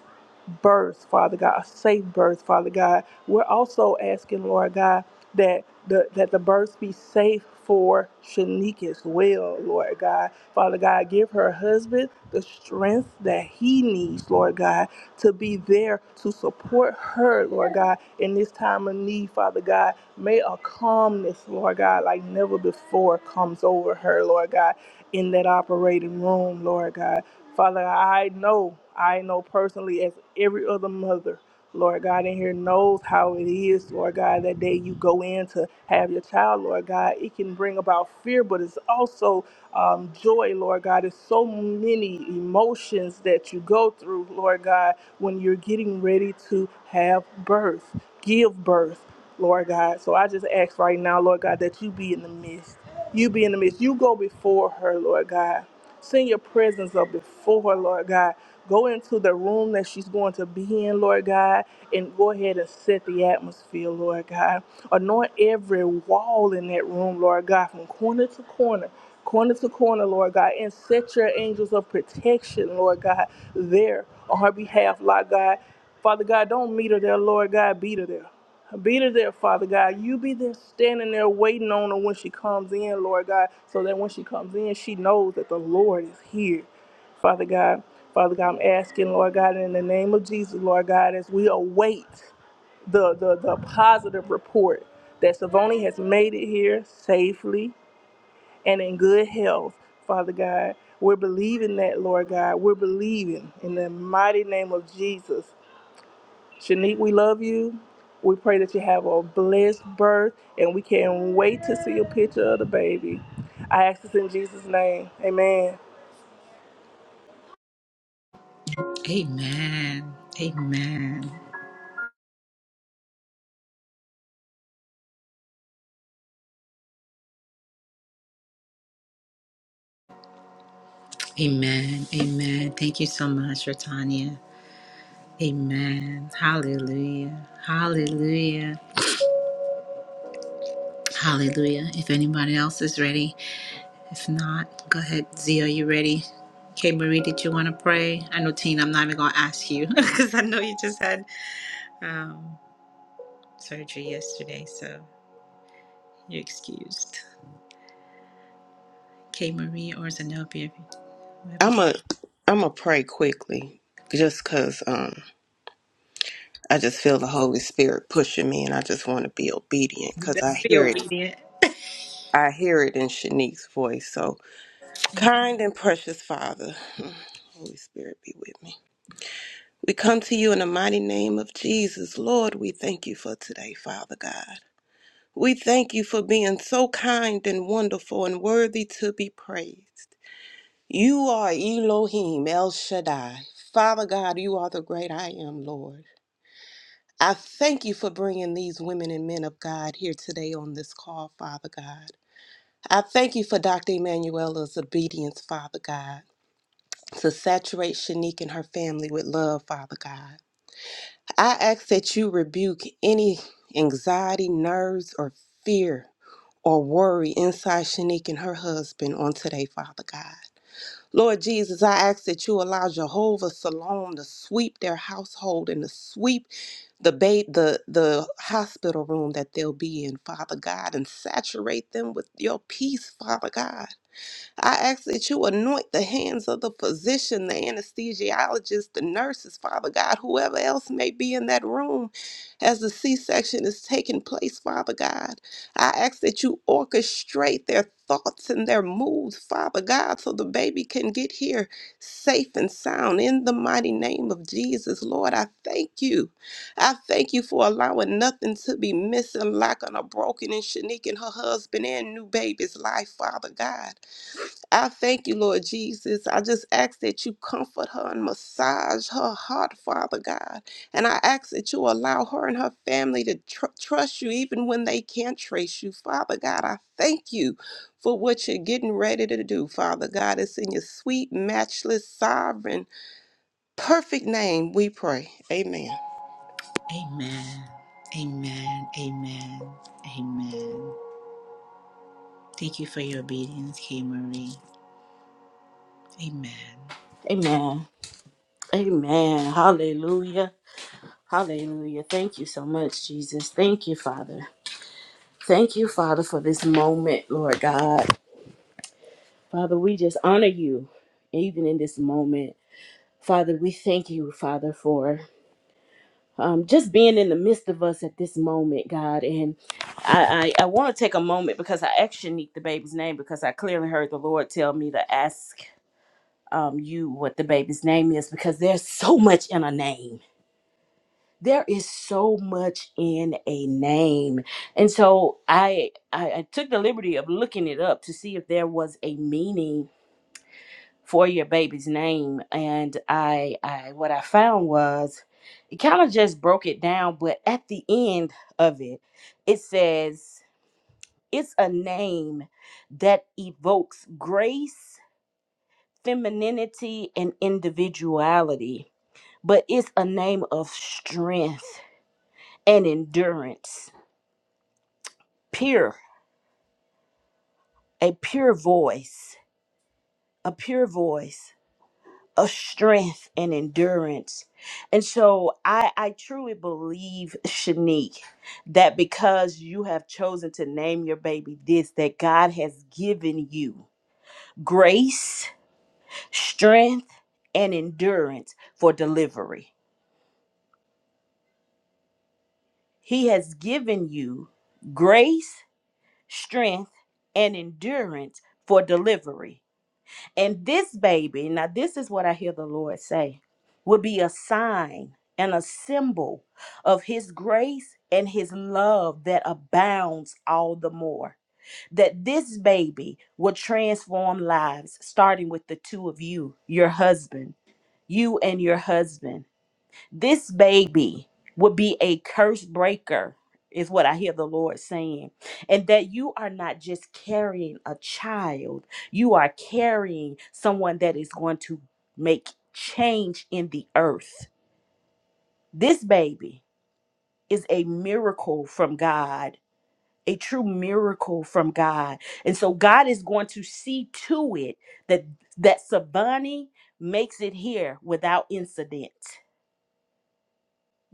Speaker 4: birth, Father God, a safe birth, Father God. We're also asking, Lord God, that the that the birth be safe for Shanique as well, Lord God. Father God, give her husband the strength that he needs, Lord God, to be there to support her, Lord God, in this time of need, Father God. May a calmness, Lord God, like never before comes over her, Lord God, in that operating room, Lord God. Father, I know, I know personally, as every other mother, Lord God, in here knows how it is, Lord God, that day you go in to have your child, Lord God. It can bring about fear, but it's also um, joy, Lord God. There's so many emotions that you go through, Lord God when you're getting ready to have birth, give birth, Lord God. So I just ask right now, Lord God, that you be in the midst. You be in the midst. You go before her, Lord God. Send your presence up before her, Lord God. Go into the room that she's going to be in, Lord God, and go ahead and set the atmosphere, Lord God. Anoint every wall in that room, Lord God, from corner to corner. Corner to corner, Lord God, and set your angels of protection, Lord God, there on her behalf, Lord God. Father God, don't meet her there, Lord God, beat her there. Beat her there, Father God. You be there standing there waiting on her when she comes in, Lord God, so that when she comes in, she knows that the Lord is here. Father God, Father God, I'm asking, Lord God, in the name of Jesus, Lord God, as we await the, the, the positive report that Savoni has made it here safely and in good health, Father God. We're believing that, Lord God. We're believing in the mighty name of Jesus. Shanique, we love you. We pray that you have a blessed birth, and we can't wait to see a picture of the baby. I ask this in Jesus' name. Amen.
Speaker 1: Amen. Amen. Amen. Amen. Thank you so much, Britannia. Amen. Hallelujah. Hallelujah. Hallelujah. If anybody else is ready, If not, go ahead, Zia. You ready? Kay Marie, did you want to pray? I know, Tina, I'm not even going to ask you because I know you just had um, surgery yesterday, so you're excused. Kay Marie or Zenobia, whoever.
Speaker 5: I'm a I'm a pray quickly just cuz um I just feel the Holy Spirit pushing me and I just want to be obedient
Speaker 1: You
Speaker 5: cuz
Speaker 1: better
Speaker 5: I
Speaker 1: be Yeah.
Speaker 5: hear it
Speaker 1: obedient.
Speaker 5: I hear it in Shanique's voice. So kind and precious Father, Holy Spirit be with me. We come to you in the mighty name of Jesus. Lord, we thank you for today, Father God. We thank you for being so kind and wonderful and worthy to be praised. You are Elohim, El Shaddai. Father God, you are the great I am, Lord. I thank you for bringing these women and men of God here today on this call, Father God. I thank you for Dr. Emanuela's obedience, Father God, to saturate Shanique and her family with love, Father God. I ask that you rebuke any anxiety, nerves, or fear or worry inside Shanique and her husband on today, Father God. Lord Jesus, I ask that you allow Jehovah Salom to sweep their household and to sweep the ba- the the hospital room that they'll be in, Father God, and saturate them with your peace, Father God. I ask that you anoint the hands of the physician, the anesthesiologist, the nurses, Father God, whoever else may be in that room as the C section is taking place, Father God. I ask that you orchestrate their thoughts and their moves, Father God, so the baby can get here safe and sound. In the mighty name of Jesus, Lord, I thank you. I thank you for allowing nothing to be missing, lacking, on a broken and Shanique and her husband and new baby's life, Father God. I thank you, Lord Jesus. I just ask that you comfort her and massage her heart, Father God. And I ask that you allow her and her family to tr- trust you even when they can't trace you, Father God. I thank you for what you're getting ready to do, Father God. It's in your sweet, matchless, sovereign, perfect name we pray. Amen.
Speaker 1: Amen. Amen. Amen. Amen. Thank you for your obedience, Kay Marie. Amen.
Speaker 3: Amen. Amen. Hallelujah. Hallelujah. Thank you so much, Jesus. Thank you, Father. Thank you, Father, for this moment, Lord God. Father, we just honor you even in this moment. Father, we thank you, Father, for um, just being in the midst of us at this moment, God. And I, I, I want to take a moment because I actually need the baby's name because I clearly heard the Lord tell me to ask um, you what the baby's name is because there's so much in a name. There is so much in a name. And so I, I I took the liberty of looking it up to see if there was a meaning for your baby's name and I I what I found was it kind of just broke it down but at the end of it it says it's a name that evokes grace, femininity and individuality but it's a name of strength and endurance, pure, a pure voice, a pure voice. of strength and endurance. And so I, I truly believe, Shanique, that because you have chosen to name your baby this, that God has given you grace, strength, and endurance for delivery. He has given you grace, strength, and endurance for delivery. And this baby, now this is what I hear the Lord say, would be a sign and a symbol of his grace and his love that abounds all the more. That this baby will transform lives, starting with the two of you, your husband, you and your husband. This baby would be a curse breaker, is what I hear the Lord saying. And that you are not just carrying a child, you are carrying someone that is going to make change in the earth. This baby is a miracle from God. A true miracle from God. And so God is going to see to it that that Sabani makes it here without incident.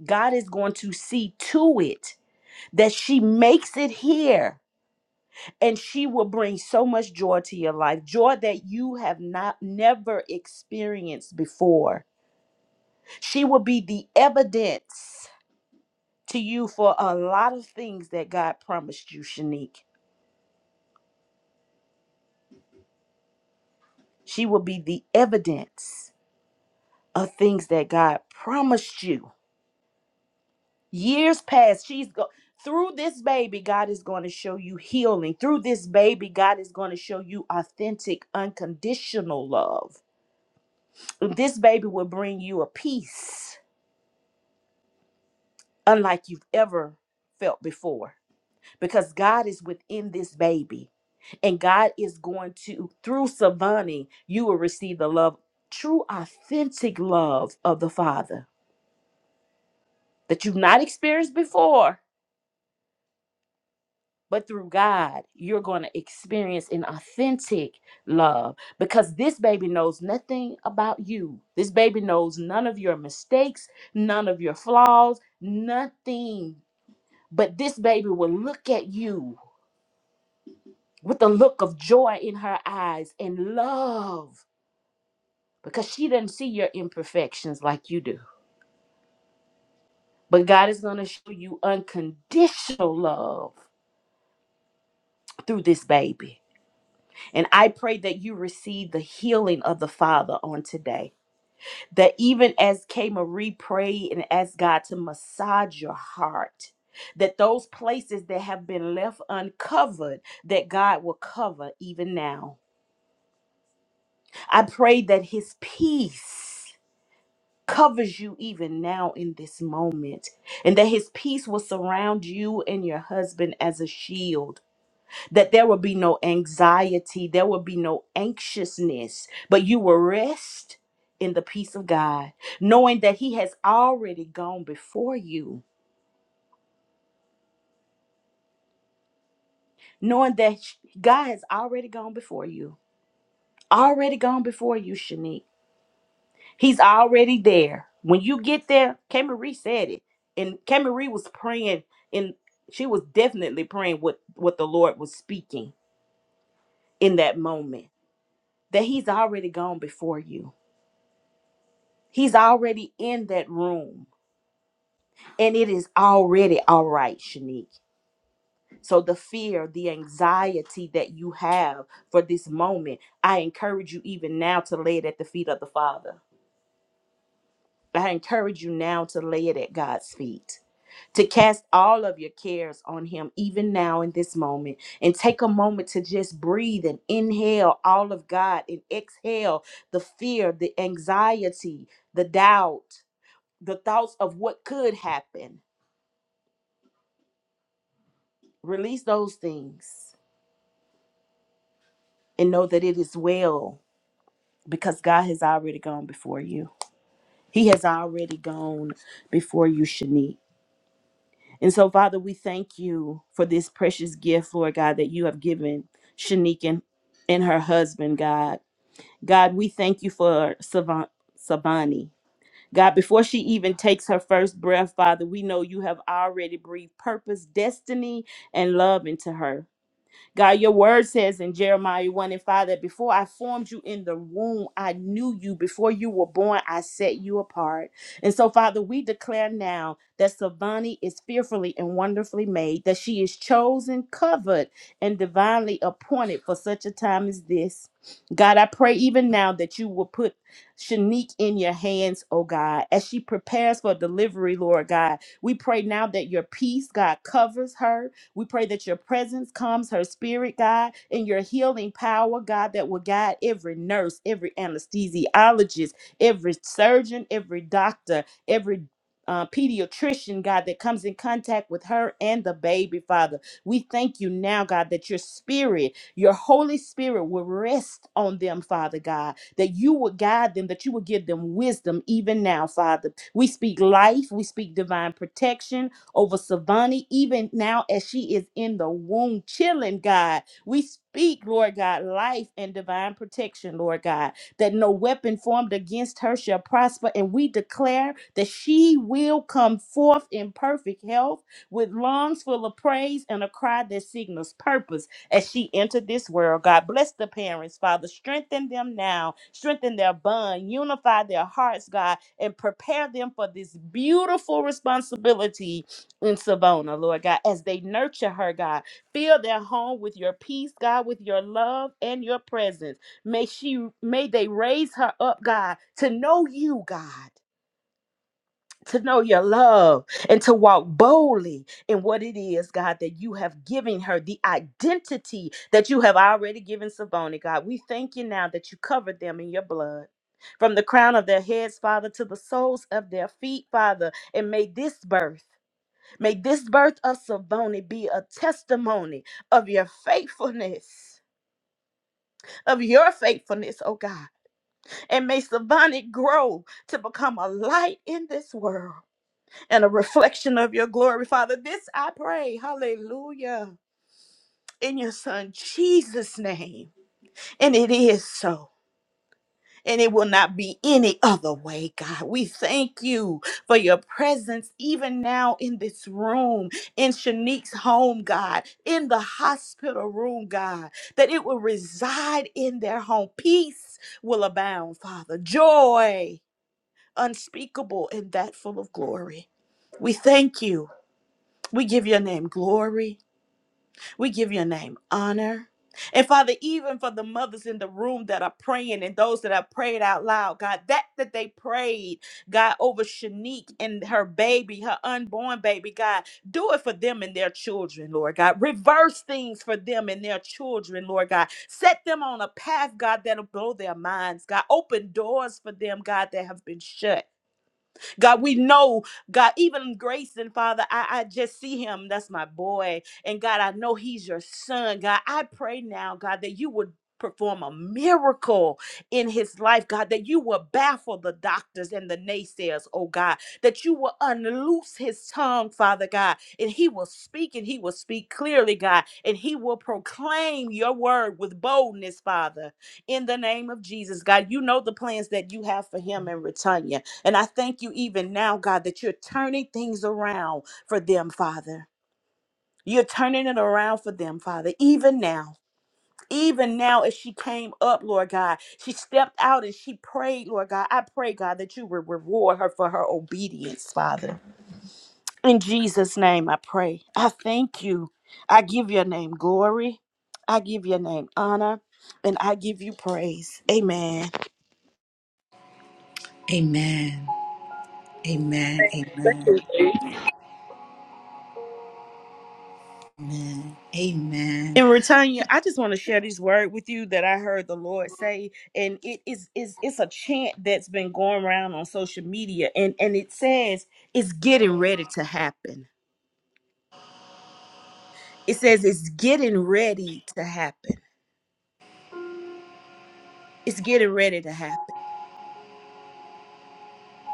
Speaker 3: God is going to see to it that she makes it here and she will bring so much joy to your life joy that you have not never experienced before she will be the evidence to you for a lot of things that god promised you shanique she will be the evidence of things that god promised you years past she's go through this baby god is going to show you healing through this baby god is going to show you authentic unconditional love this baby will bring you a peace unlike you've ever felt before because God is within this baby and God is going to through Savani you will receive the love true authentic love of the father that you've not experienced before but through God you're going to experience an authentic love because this baby knows nothing about you this baby knows none of your mistakes none of your flaws nothing But this baby will look at you with a look of joy in her eyes and love because she doesn't see your imperfections like you do. But God is going to show you unconditional love through this baby. And I pray that you receive the healing of the Father on today. That even as K. Marie prayed and asked God to massage your heart, that those places that have been left uncovered, that God will cover even now I pray that his peace covers you even now in this moment, and that his peace will surround you and your husband as a shield, that there will be no anxiety, there will be no anxiousness, but you will rest in the peace of God, knowing that he has already gone before you, knowing that God has already gone before you. Already gone before you, Shanique He's already there. When you get there, Camerie said it. And Camerie was praying and she was definitely praying what, what the Lord was speaking in that moment. That he's already gone before you. He's already in that room. And it is already all right, Shanique. So the fear, the anxiety that you have for this moment, I encourage you even now to lay it at the feet of the Father. I encourage you now to lay it at God's feet to cast all of your cares on him even now in this moment and take a moment to just breathe and inhale all of God and exhale the fear, the anxiety, the doubt, the thoughts of what could happen. Release those things and know that it is well because God has already gone before you. He has already gone before you, Shanice. And so, Father, we thank you for this precious gift, Lord God, that you have given Shanique and, and her husband, God. God, we thank you for Savant, Savani. God, before she even takes her first breath, Father, we know you have already breathed purpose, destiny, and love into her. God, your word says in Jeremiah 1 and 5 that before I formed you in the womb, I knew you. Before you were born, I set you apart. And so, Father, we declare now that Savani is fearfully and wonderfully made, that she is chosen, covered, and divinely appointed for such a time as this. God, I pray even now that you will put Shanique in your hands, oh God, as she prepares for delivery, Lord God. We pray now that your peace, God, covers her we pray that your presence comes, her spirit, God, and your healing power, God, that will guide every nurse, every anesthesiologist, every surgeon, every doctor, every uh, pediatrician, God, that comes in contact with her and the baby, Father. We thank you now, God, that your spirit, your Holy Spirit will rest on them, Father God, that you will guide them, that you will give them wisdom even now, Father. We speak life, we speak divine protection, over Savani, even now as she is in the womb, chilling, God. We speak, Lord God, life and divine protection, Lord God, that no weapon formed against her shall prosper. And we declare that she will come forth in perfect health with lungs full of praise and a cry that signals purpose as she entered this world. God bless the parents, Father. Strengthen them now, strengthen their bond, unify their hearts, God, and prepare them for this beautiful responsibility in Savona, Lord God, as they nurture her, God. Fill their home with your peace, God, with your love and your presence. May she may they raise her up, God, to know you, God. To know your love and to walk boldly in what it is, God, that you have given her, the identity that you have already given Savona, God. We thank you now that you covered them in your blood. From the crown of their heads, Father, to the soles of their feet, Father, and may this birth. May this birth of Savoni be a testimony of your faithfulness, of your faithfulness, oh God. And may Savoni grow to become a light in this world and a reflection of your glory, Father. This I pray, hallelujah, in your Son Jesus' name. And it is so. and it will not be any other way, God. We thank you for your presence even now in this room, in Shanique's home, God, in the hospital room, God, that it will reside in their home. Peace will abound, Father. Joy unspeakable and that full of glory. We thank you. We give your name glory we give your name honor. And Father, even for the mothers in the room that are praying and those that have prayed out loud, God, that that they prayed, God, over Shanique and her baby, her unborn baby, God, do it for them and their children, Lord God. Reverse things for them and their children, Lord God. Set them on a path, God, that'll blow their minds, God. Open doors for them, God, that have been shut. God, we know, God, even Grayson, Father, I, I just see him. That's my boy. And God, I know he's your son. God, I pray now, God, that you would perform a miracle in his life, God, that you will baffle the doctors and the naysayers, oh God, that you will unloose his tongue, Father God, and he will speak and he will speak clearly, God, and he will proclaim your word with boldness, Father, in the name of Jesus, God. You know the plans that you have for him and Retanya. And I thank you even now, God, that you're turning things around for them, Father. You're turning it around for them, Father, even now. Even now, as she came up, Lord God, she stepped out and she prayed, Lord God. I pray, God, that you would reward her for her obedience, Father. In Jesus' name, I pray. I thank you. I give your name glory. I give your name honor. And I give you praise. Amen.
Speaker 1: Amen. Amen. Amen. Amen. Amen.
Speaker 3: And Retanya, I just want to share this word with you that I heard the Lord say, and it is is it's a chant that's been going around on social media, and and it says it's getting ready to happen. It says it's getting ready to happen. It's getting ready to happen.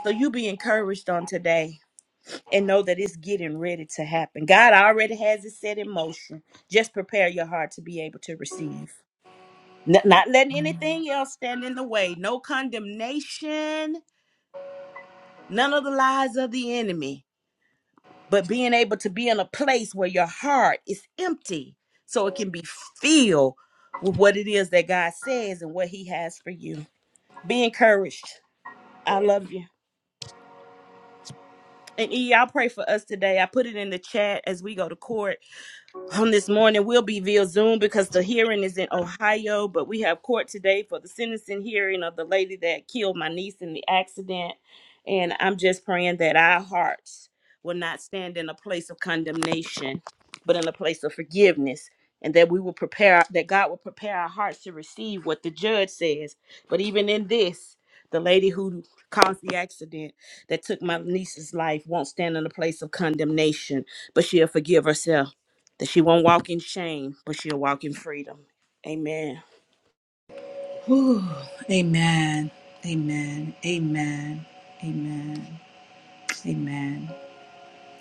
Speaker 3: So you be encouraged on today and know that it's getting ready to happen. God already has it set in motion. Just prepare your heart to be able to receive. N- Not letting anything else stand in the way. No condemnation none of the lies of the enemy, but being able to be in a place where your heart is empty so it can be filled with what it is that God says and what He has for you. Be encouraged. I love you. And E, I pray for us today. I put it in the chat as we go to court on this morning will be via Zoom because the hearing is in Ohio, but we have court today for the sentencing hearing of the lady that killed my niece in the accident. And I'm just praying that our hearts will not stand in a place of condemnation, but in a place of forgiveness. And that we will prepare, that God will prepare our hearts to receive what the judge says. But even in this, the lady who caused the accident that took my niece's life won't stand in a place of condemnation, but she'll forgive herself that she won't walk in shame, but she'll walk in freedom. Amen.
Speaker 1: Whew. Amen. Amen. Amen. Amen. Amen.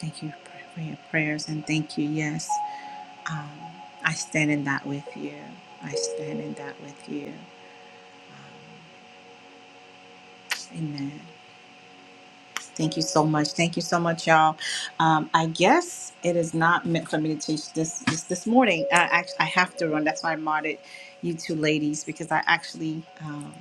Speaker 1: Thank you for your prayers and thank you. Yes, um, I stand in that with you. I stand in that with you. Amen. Thank you so much. Thank you so much, y'all. Um, I guess it is not meant for me to teach this this, this morning. I, actually, I have to run. That's why I modded you two ladies because I actually. um,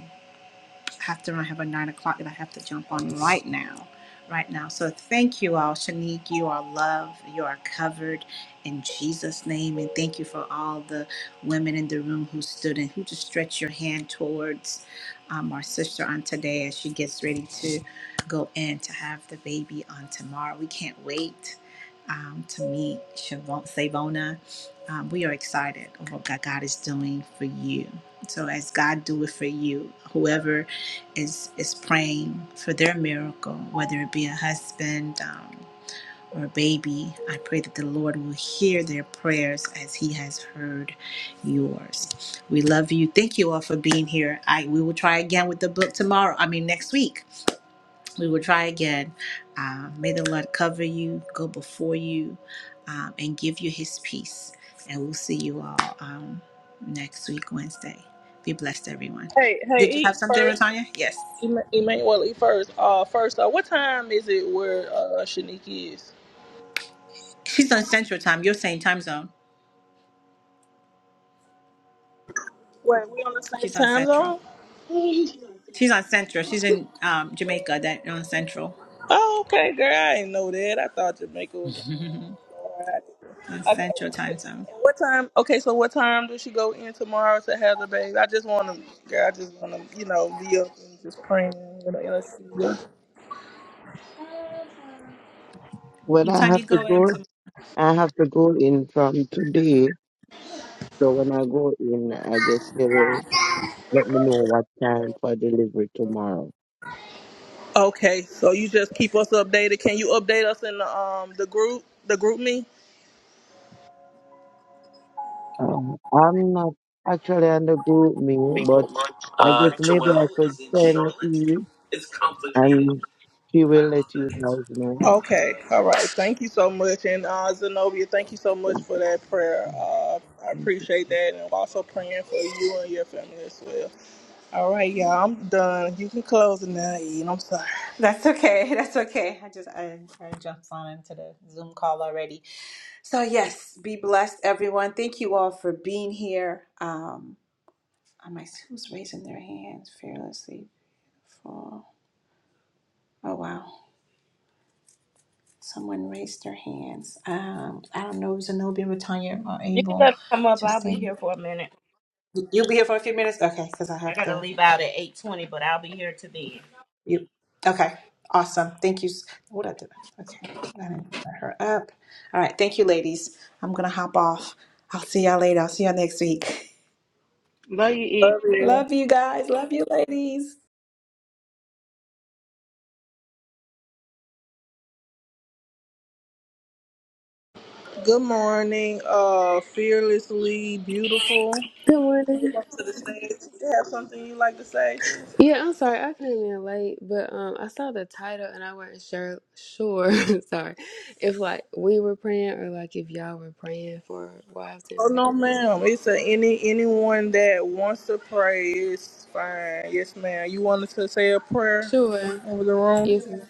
Speaker 1: after I have a nine o'clock that I have to jump on right now. Right now. So thank you all. Shanique, you are loved. You are covered in Jesus' name. And thank you for all the women in the room who stood and who just stretched your hand towards um, our sister on today as she gets ready to go in to have the baby on tomorrow. We can't wait um, to meet Shavon- Savona. Um, we are excited of what God God is doing for you. So as God do it for you, whoever is is praying for their miracle, whether it be a husband um, or a baby. I pray that the Lord will hear their prayers as He has heard yours. We love you. Thank you all for being here. I we will try again with the book tomorrow. I mean next week. We will try again. Uh, may the Lord cover you, go before you, um, and give you His peace. And we'll see you all um, next week Wednesday. Be blessed, everyone.
Speaker 4: Hey, hey,
Speaker 1: Did you have
Speaker 4: eat
Speaker 1: something,
Speaker 4: first.
Speaker 1: Latanya? Yes.
Speaker 4: Ema- Emmanuel, eat first. Uh, first, uh, what time is it where uh, Shanique is?
Speaker 1: She's on Central Time. You're saying time zone.
Speaker 4: Wait, we on the same
Speaker 1: She's on
Speaker 4: time
Speaker 1: Central.
Speaker 4: zone?
Speaker 1: She's on Central. She's in um, Jamaica. That on Central.
Speaker 4: Oh, okay, girl. I didn't know that. I thought Jamaica was.
Speaker 1: on
Speaker 4: Okay. And
Speaker 1: Central Time Zone.
Speaker 4: what time? Okay, so what time does she go in tomorrow to have the baby? I just want to, girl. I just want to, you know, be up and just praying. You know, let
Speaker 2: When
Speaker 1: What
Speaker 2: I
Speaker 1: time you
Speaker 2: have to
Speaker 1: go
Speaker 2: go,
Speaker 1: into?
Speaker 2: I have to go in from today. So when I go in, I guess they will let me know what time for delivery tomorrow.
Speaker 4: Okay, so you just keep us updated. Can you update us in the um the group the group me?
Speaker 2: Uh, I'm not actually on the group meal, but I guess maybe I could send E and she will let you guys know.
Speaker 4: Okay, all right. Thank you so much, and uh, Zenobia, thank you so much for that prayer. Uh, I appreciate that, and I'm also praying for you and your family as well. All right, y'all. I'm done. You can close it now, Ian. I'm sorry.
Speaker 1: That's okay. That's okay. I just I, I jumped on into the Zoom call already. So yes, be blessed, everyone. Thank you all for being here. Um, I might see who's raising their hands fearlessly. For oh wow, someone raised their hands. Um, I don't know, Zenobia, Latanya, or
Speaker 3: You can
Speaker 1: Abel
Speaker 3: let her come up.
Speaker 1: to
Speaker 3: I'll be
Speaker 1: say.
Speaker 3: here for a minute.
Speaker 1: You'll be here for a few minutes? Okay, because I
Speaker 3: I
Speaker 1: have
Speaker 3: gotta
Speaker 1: to.
Speaker 3: leave out at eight twenty, but I'll be here to the end.
Speaker 1: You. Okay, awesome. Thank you. s- What I do? Okay, I didn't put her up. All right, thank you, ladies. I'm gonna hop off. I'll see y'all later. I'll see y'all next week.
Speaker 5: Love you, E.
Speaker 4: Love you.
Speaker 1: Love you guys. Love you, ladies.
Speaker 4: Good morning, uh, fearlessly beautiful.
Speaker 6: Good
Speaker 4: Come
Speaker 6: morning.
Speaker 4: up to the stage. You have something you like to say, sis?
Speaker 6: Yeah, I'm sorry I came in late, but um, I saw the title and I wasn't sure. Sure, sorry, if like we were praying or like if y'all were praying for wives
Speaker 4: Oh
Speaker 6: and wait.
Speaker 4: no, ma'am. It's a, any anyone that wants to pray. It's fine. Yes, ma'am. You wanted to say a prayer
Speaker 6: Sure.
Speaker 4: over the room?
Speaker 6: Yes. ma'am.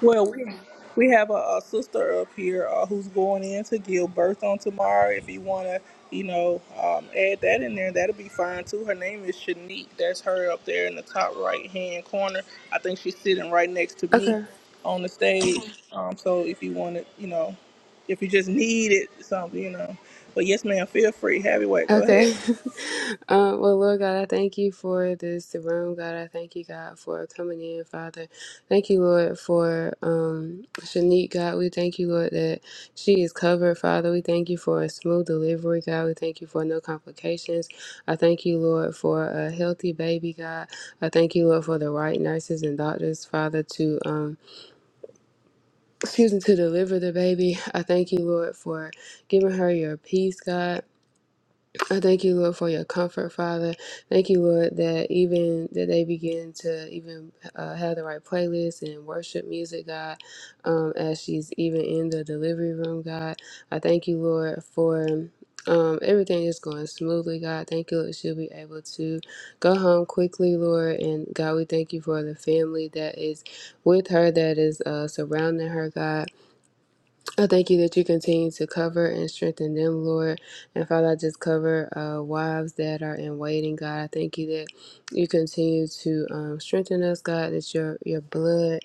Speaker 4: Well, we we have a, a sister up here uh, who's going in to give birth on tomorrow. If you want to, you know, um, add that in there, that'll be fine too. Her name is Shanique. That's her up there in the top right hand corner. I think she's sitting right next to me
Speaker 6: Okay.
Speaker 4: on the stage. Um, so if you want to, you know, if you just needed something, you know. But yes, ma'am, feel free. Have your way. Go
Speaker 6: Okay.
Speaker 4: ahead.
Speaker 6: um, well, Lord God, I thank you for this room, God. I thank you, God, for coming in, Father. Thank you, Lord, for um, Shanique, God. We thank you, Lord, that she is covered, Father. We thank you for a smooth delivery, God. We thank you for no complications. I thank you, Lord, for a healthy baby, God. I thank you, Lord, for the right nurses and doctors, Father, to um, excuse me, to deliver the baby. I thank you, Lord, for giving her your peace, God. I thank you, Lord, for your comfort, Father. Thank you, Lord, that even that they begin to even uh, have the right playlist and worship music, God, um, as she's even in the delivery room, God. I thank you, Lord, for um, everything is going smoothly, God. Thank you, Lord, she'll be able to go home quickly, Lord. And God, we thank you for the family that is with her, that is uh, surrounding her, God. I thank you that you continue to cover and strengthen them, Lord. And Father, I just cover uh, wives that are in waiting, God. I thank you that you continue to um, strengthen us, God, that your your blood.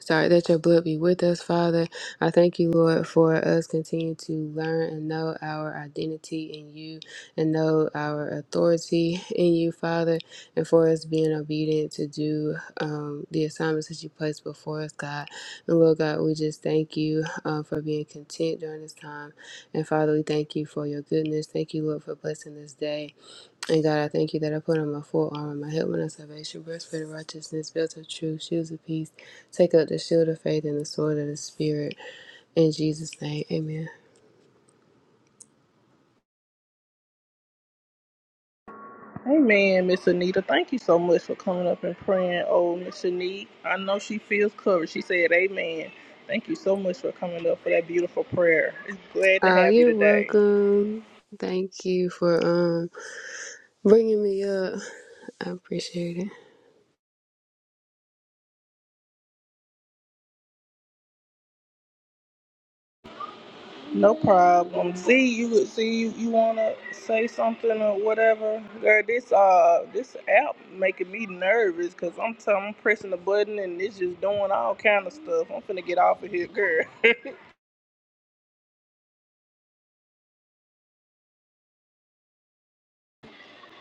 Speaker 6: Sorry that your blood be with us, Father. I thank you, Lord, for us continuing to learn and know our identity in you and know our authority in you, Father, and for us being obedient to do um, the assignments that you placed before us, God. And Lord God, we just thank you uh, for being content during this time. And Father, we thank you for your goodness. Thank you, Lord, for blessing this day. And God, I thank you that I put on my full armor, my helmet of salvation, breastplate of righteousness, belt of truth, shoes of peace. Take up the shield of faith and the sword of the spirit. In Jesus' name, Amen.
Speaker 4: Amen, Miss Anita. Thank you so much for coming up and praying. Oh, Miss Anita, I know she feels covered. She said, Amen. Thank you so much for coming up for that beautiful prayer. It's glad to
Speaker 6: Oh,
Speaker 4: have you
Speaker 6: you're
Speaker 4: today.
Speaker 6: welcome. Thank you for um bringing me up. I appreciate it.
Speaker 4: No problem. See you. See you. You wanna say something or whatever? Girl, this uh, this app making me nervous because I'm t- I'm pressing the button and it's just doing all kind of stuff. I'm finna get off of here, girl.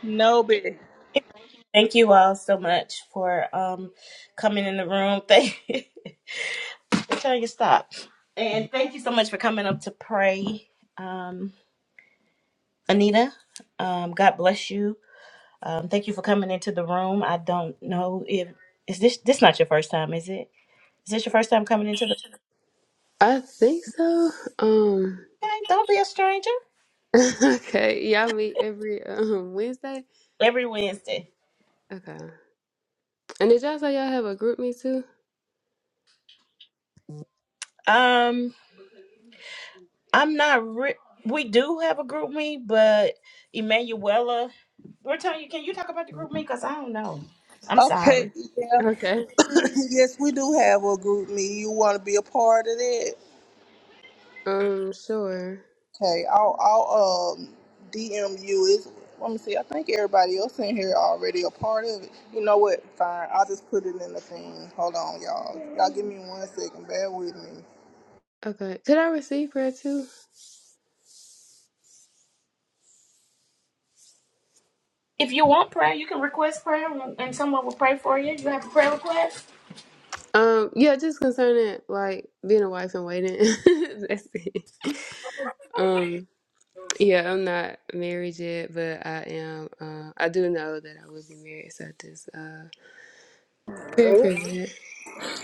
Speaker 4: No, but
Speaker 3: Thank you all so much for um coming in the room. Thank tell you stop. And thank you so much for coming up to pray. Um Anita, um, God bless you. Um, thank you for coming into the room. I don't know if is this this not your first time, is it? Is this your first time coming into the
Speaker 6: I think so. Um.
Speaker 3: Okay, don't be a stranger.
Speaker 6: okay, y'all meet every um Wednesday.
Speaker 3: Every Wednesday.
Speaker 6: Okay. And did y'all say y'all have a group meet too?
Speaker 3: Um, I'm not. Re- we do have a group me, but Emanuela, Britannia, can you talk about the group me? Cause I don't know. I'm
Speaker 4: okay,
Speaker 3: sorry.
Speaker 4: yeah.
Speaker 6: Okay.
Speaker 4: Yes, we do have a group meet. You want to be a part of that?
Speaker 6: Um. Sure.
Speaker 4: Okay, I'll, I'll um DM you. It's, let me see. I think everybody else in here already a part of it. You know what? Fine. I'll just put it in the thing. Hold on, y'all. Y'all give me one second. Bear with me.
Speaker 6: Okay. Could I receive prayer too?
Speaker 3: If you want prayer, you can request prayer, and someone will pray for you. You have a prayer request.
Speaker 6: Um, yeah, just concerning like being a wife and waiting. That's it. Um, yeah, I'm not married yet, but I am. Uh, I do know that I will be married, so I just uh, prepare for that.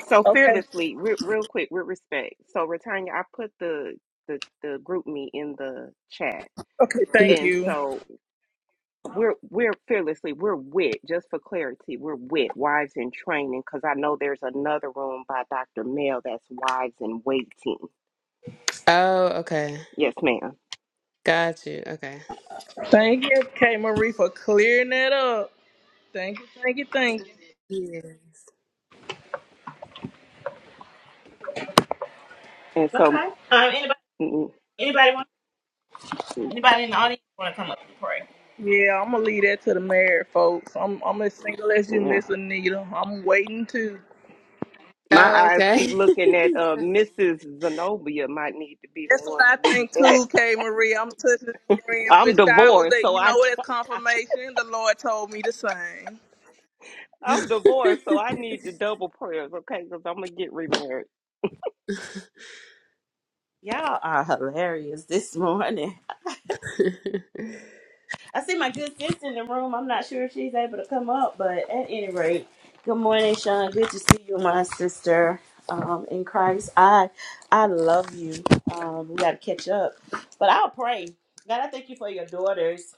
Speaker 5: So
Speaker 4: Okay.
Speaker 5: fearlessly, re- real quick, with respect. So, Retanya, I put the the the group me in the chat,
Speaker 4: Okay.
Speaker 6: Mhm.
Speaker 4: Thank
Speaker 5: and
Speaker 4: you.
Speaker 5: so we're we're fearlessly we're wit just for clarity we're wit wives in training because i know there's another room by dr mel that's wives in waiting
Speaker 6: Oh, okay,
Speaker 5: yes ma'am
Speaker 6: got you. Okay.
Speaker 4: Thank you, K Marie, for clearing that up. Thank you. Thank you. Thank you.
Speaker 6: Yes.
Speaker 5: and so
Speaker 3: Okay. Um. Anybody?
Speaker 5: mm,
Speaker 3: Anybody want?
Speaker 5: mm,
Speaker 3: Anybody in the audience want to come up and pray?
Speaker 4: Yeah, I'm gonna leave that to the mayor, folks. I'm I'm as single as you,
Speaker 5: yeah.
Speaker 4: Miss Anita. I'm waiting too.
Speaker 5: my
Speaker 6: Oh,
Speaker 5: eyes keep
Speaker 6: okay.
Speaker 5: looking at uh mrs zenobia might need to be the
Speaker 4: That's what
Speaker 5: one to
Speaker 4: I
Speaker 5: lead
Speaker 4: think
Speaker 5: that
Speaker 4: too, K. Marie. I'm touching and agreeing
Speaker 5: i'm
Speaker 4: with you. I was
Speaker 5: divorced
Speaker 4: at.
Speaker 5: so
Speaker 4: you
Speaker 5: i
Speaker 4: know what? It's confirmation. The Lord told me the same.
Speaker 5: i'm divorced so i need the double prayers okay because i'm gonna get remarried
Speaker 3: Y'all are hilarious this morning. I see my good sister in the room. I'm not sure if she's able to come up, but at any rate, good morning, Sean. Good to see you, my sister um, in Christ. I I love you. Um, we got to catch up, but I'll pray. God, I thank you for your daughters.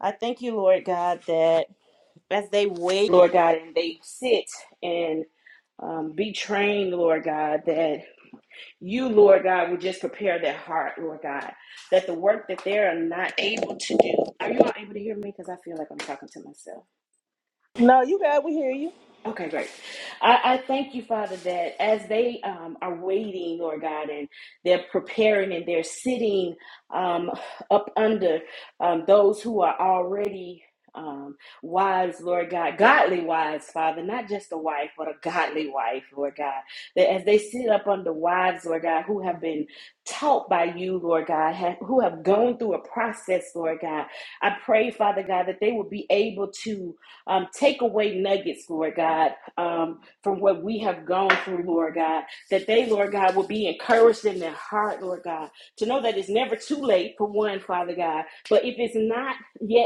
Speaker 3: I thank you, Lord God, that as they wait, Lord God, and they sit and um, be trained, Lord God, that. You, Lord God, would just prepare their heart, Lord God, that the work that they are not able to do. Are you all able to hear me? Because I feel like I'm talking to myself.
Speaker 4: No, you got. We hear you.
Speaker 3: Okay, great. I, I thank you, Father, that as they um, are waiting, Lord God, and they're preparing and they're sitting um, up under um, those who are already um, wise, Lord God, godly wise, Father, not just a wife, but a godly wife, Lord God. That as they sit up under wives, Lord God, who have been taught by you, Lord God, have, who have gone through a process, Lord God, I pray, Father God, that they will be able to. Um, take away nuggets, Lord God, um, from what we have gone through, Lord God, that they, Lord God, will be encouraged in their heart, Lord God, to know that it's never too late for one, Father God. But if it's not yet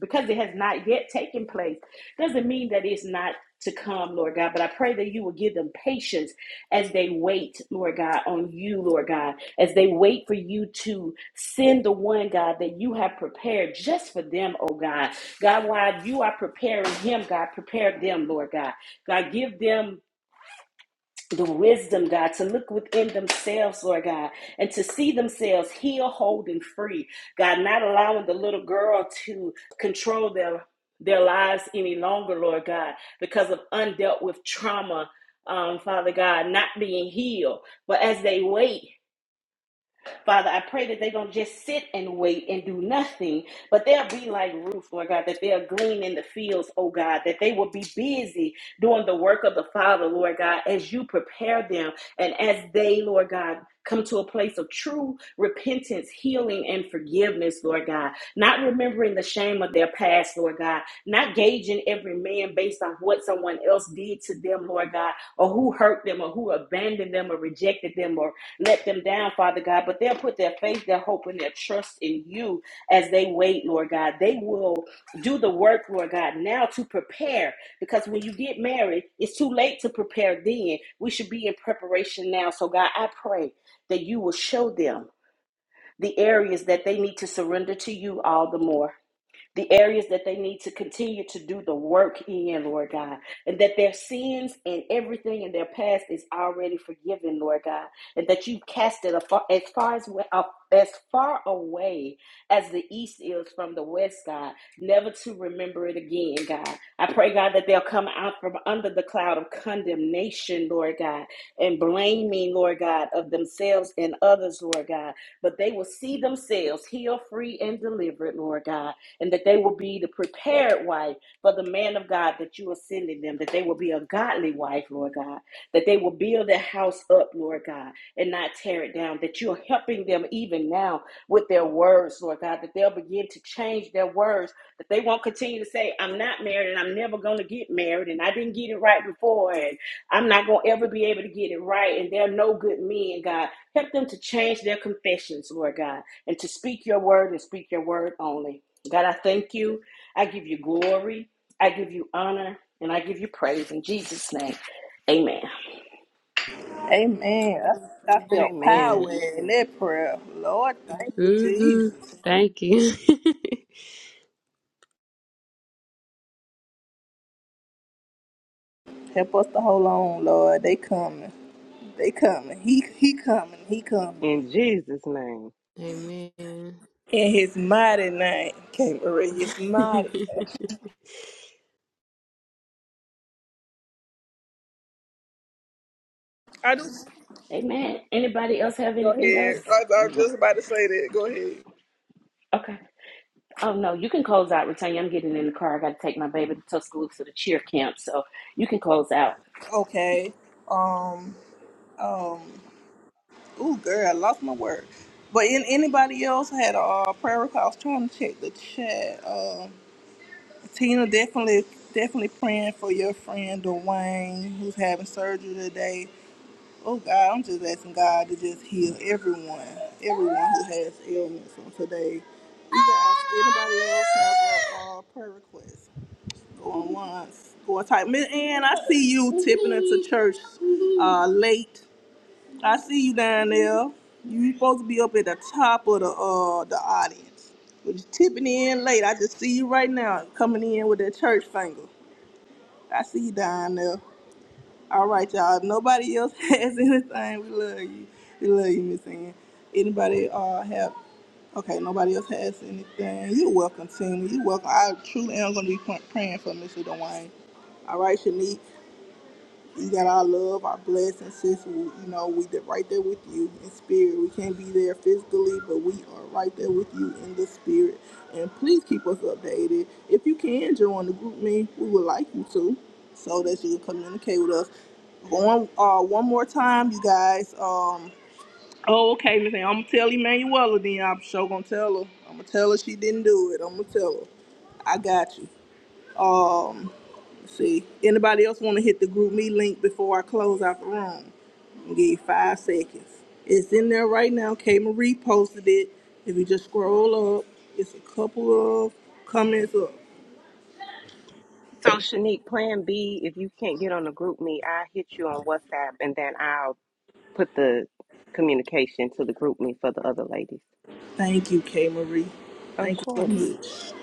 Speaker 3: because it has not yet taken place doesn't mean that it's not to come, Lord God. But I pray that you will give them patience as they wait, Lord God, on you, Lord God, as they wait for you to send the one, God, that you have prepared just for them, oh God. God, while you are preparing him, God, prepare them, Lord God. God, give them the wisdom, God, to look within themselves, Lord God, and to see themselves healed, whole, and free. God, not allowing the little girl to control their their lives any longer, Lord God, because of undealt with trauma, um, Father God, not being healed. But as they wait. Father, I pray that they don't just sit and wait and do nothing, but they'll be like Ruth, Lord God, that they'll glean in the fields, oh God, that they will be busy doing the work of the Father, Lord God, as you prepare them and as they, Lord God, come to a place of true repentance, healing, and forgiveness, Lord God, not remembering the shame of their past, Lord God, not gauging every man based on what someone else did to them, Lord God, or who hurt them or who abandoned them or rejected them or let them down, Father God, but they'll put their faith, their hope, and their trust in you as they wait, Lord God. They will do the work, Lord God, now to prepare because when you get married, it's too late to prepare then. We should be in preparation now. So, God, I pray that you will show them the areas that they need to surrender to you all the more the areas that they need to continue to do the work in, Lord God, and that their sins and everything in their past is already forgiven, Lord God, and that you cast it afar, as far as wa- uh, as far away as the east is from the west, God, never to remember it again, God. I pray, God, that they'll come out from under the cloud of condemnation, Lord God, and blaming, Lord God, of themselves and others, Lord God, but they will see themselves healed, free, and delivered, Lord God and that they will be the prepared wife for the man of God that you are sending them, that they will be a godly wife, Lord God, that they will build their house up, Lord God, and not tear it down, that you're helping them even now with their words, Lord God, that they'll begin to change their words, that they won't continue to say, I'm not married and I'm never going to get married and I didn't get it right before and I'm not going to ever be able to get it right and they're no good men, God. Help them to change their confessions, Lord God, and to speak your word and speak your word only. God, I thank you. I give you glory. I give you honor. And I give you praise in Jesus' name. Amen.
Speaker 4: Amen. I, I felt
Speaker 5: amen
Speaker 4: power
Speaker 6: Amen.
Speaker 4: in that prayer. Lord, thank you,
Speaker 6: Mhm.
Speaker 4: Jesus.
Speaker 6: Thank you.
Speaker 4: Help us to hold on, Lord. They coming. They coming. He he coming. He coming.
Speaker 5: in jesus name
Speaker 6: Amen.
Speaker 4: In his mighty name, King Marie, his mighty. I just
Speaker 3: Amen. Anybody else have
Speaker 4: go
Speaker 3: anything else?
Speaker 4: ahead. I, I was just about to say that. Go ahead.
Speaker 3: Okay. Oh, no, you can close out, Retanya. I'm getting in the car. I got to take my baby to Tuscaloosa to cheer camp. So you can close out.
Speaker 4: Okay. Um. Um. Ooh, girl, I lost my word. But in, anybody else had a uh, prayer request? I was Trying to check the chat. Uh, Tina definitely, definitely praying for your friend Dwayne, who's having surgery today. Oh God, I'm just asking God to just heal everyone, everyone who has ailments on today. You guys, anybody else have a uh, prayer request? Going once, going tight. And I see you tipping into church uh, late. I see you down there. You supposed to be up at the top of the uh the audience. But you tipping in late. I just see you right now coming in with that church finger. I see you down there. All right, y'all. If Nobody else has anything. We love you. We love you, Miss Ann. Anybody uh have okay, nobody else has anything. You're welcome, Tina. You're welcome. I truly am gonna be pr- praying for Mr. Dwayne. All right, Shanique. You got our love, our blessings, sis. We, you know, we did right there with you in spirit. We can't be there physically, but we are right there with you in the spirit. And please keep us updated. If you can join the group me, we would like you to, so that you can communicate with us. Going uh, one more time, you guys. Um, oh, okay, Miss. Ann, I'm gonna tell Emanuela then. I'm sure gonna tell her. I'm gonna tell her she didn't do it. I'm gonna tell her. I got you. Um. See, anybody else want to hit the group me link before I close out the room? I'll give you five seconds. It's in there right now. K Marie posted it. If you just scroll up, it's a couple of comments up.
Speaker 5: So Shanique, Plan B, if you can't get on the group me, I hit you on WhatsApp and then I'll put the communication to the group me for the other ladies.
Speaker 4: Thank you, K Marie.
Speaker 5: Of
Speaker 4: Thank you so
Speaker 5: course.
Speaker 4: much.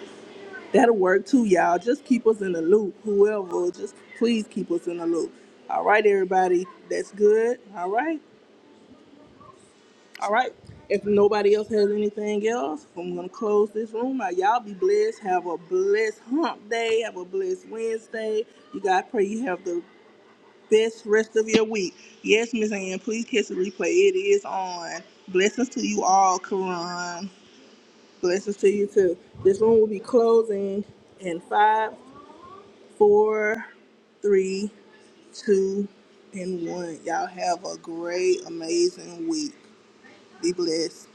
Speaker 4: That'll work too, y'all. Just keep us in the loop. Whoever, just please keep us in the loop. All right, everybody. That's good. All right. All right. If nobody else has anything else, I'm gonna close this room out. Y'all be blessed. Have a blessed hump day. Have a blessed Wednesday. You guys pray you have the best rest of your week. Yes, Miss Ann, please catch the replay. It is on. Blessings to you all, Karan. Blessings to you too. This room will be closing in five, four, three, two, and one. Y'all have a great, amazing week. Be blessed.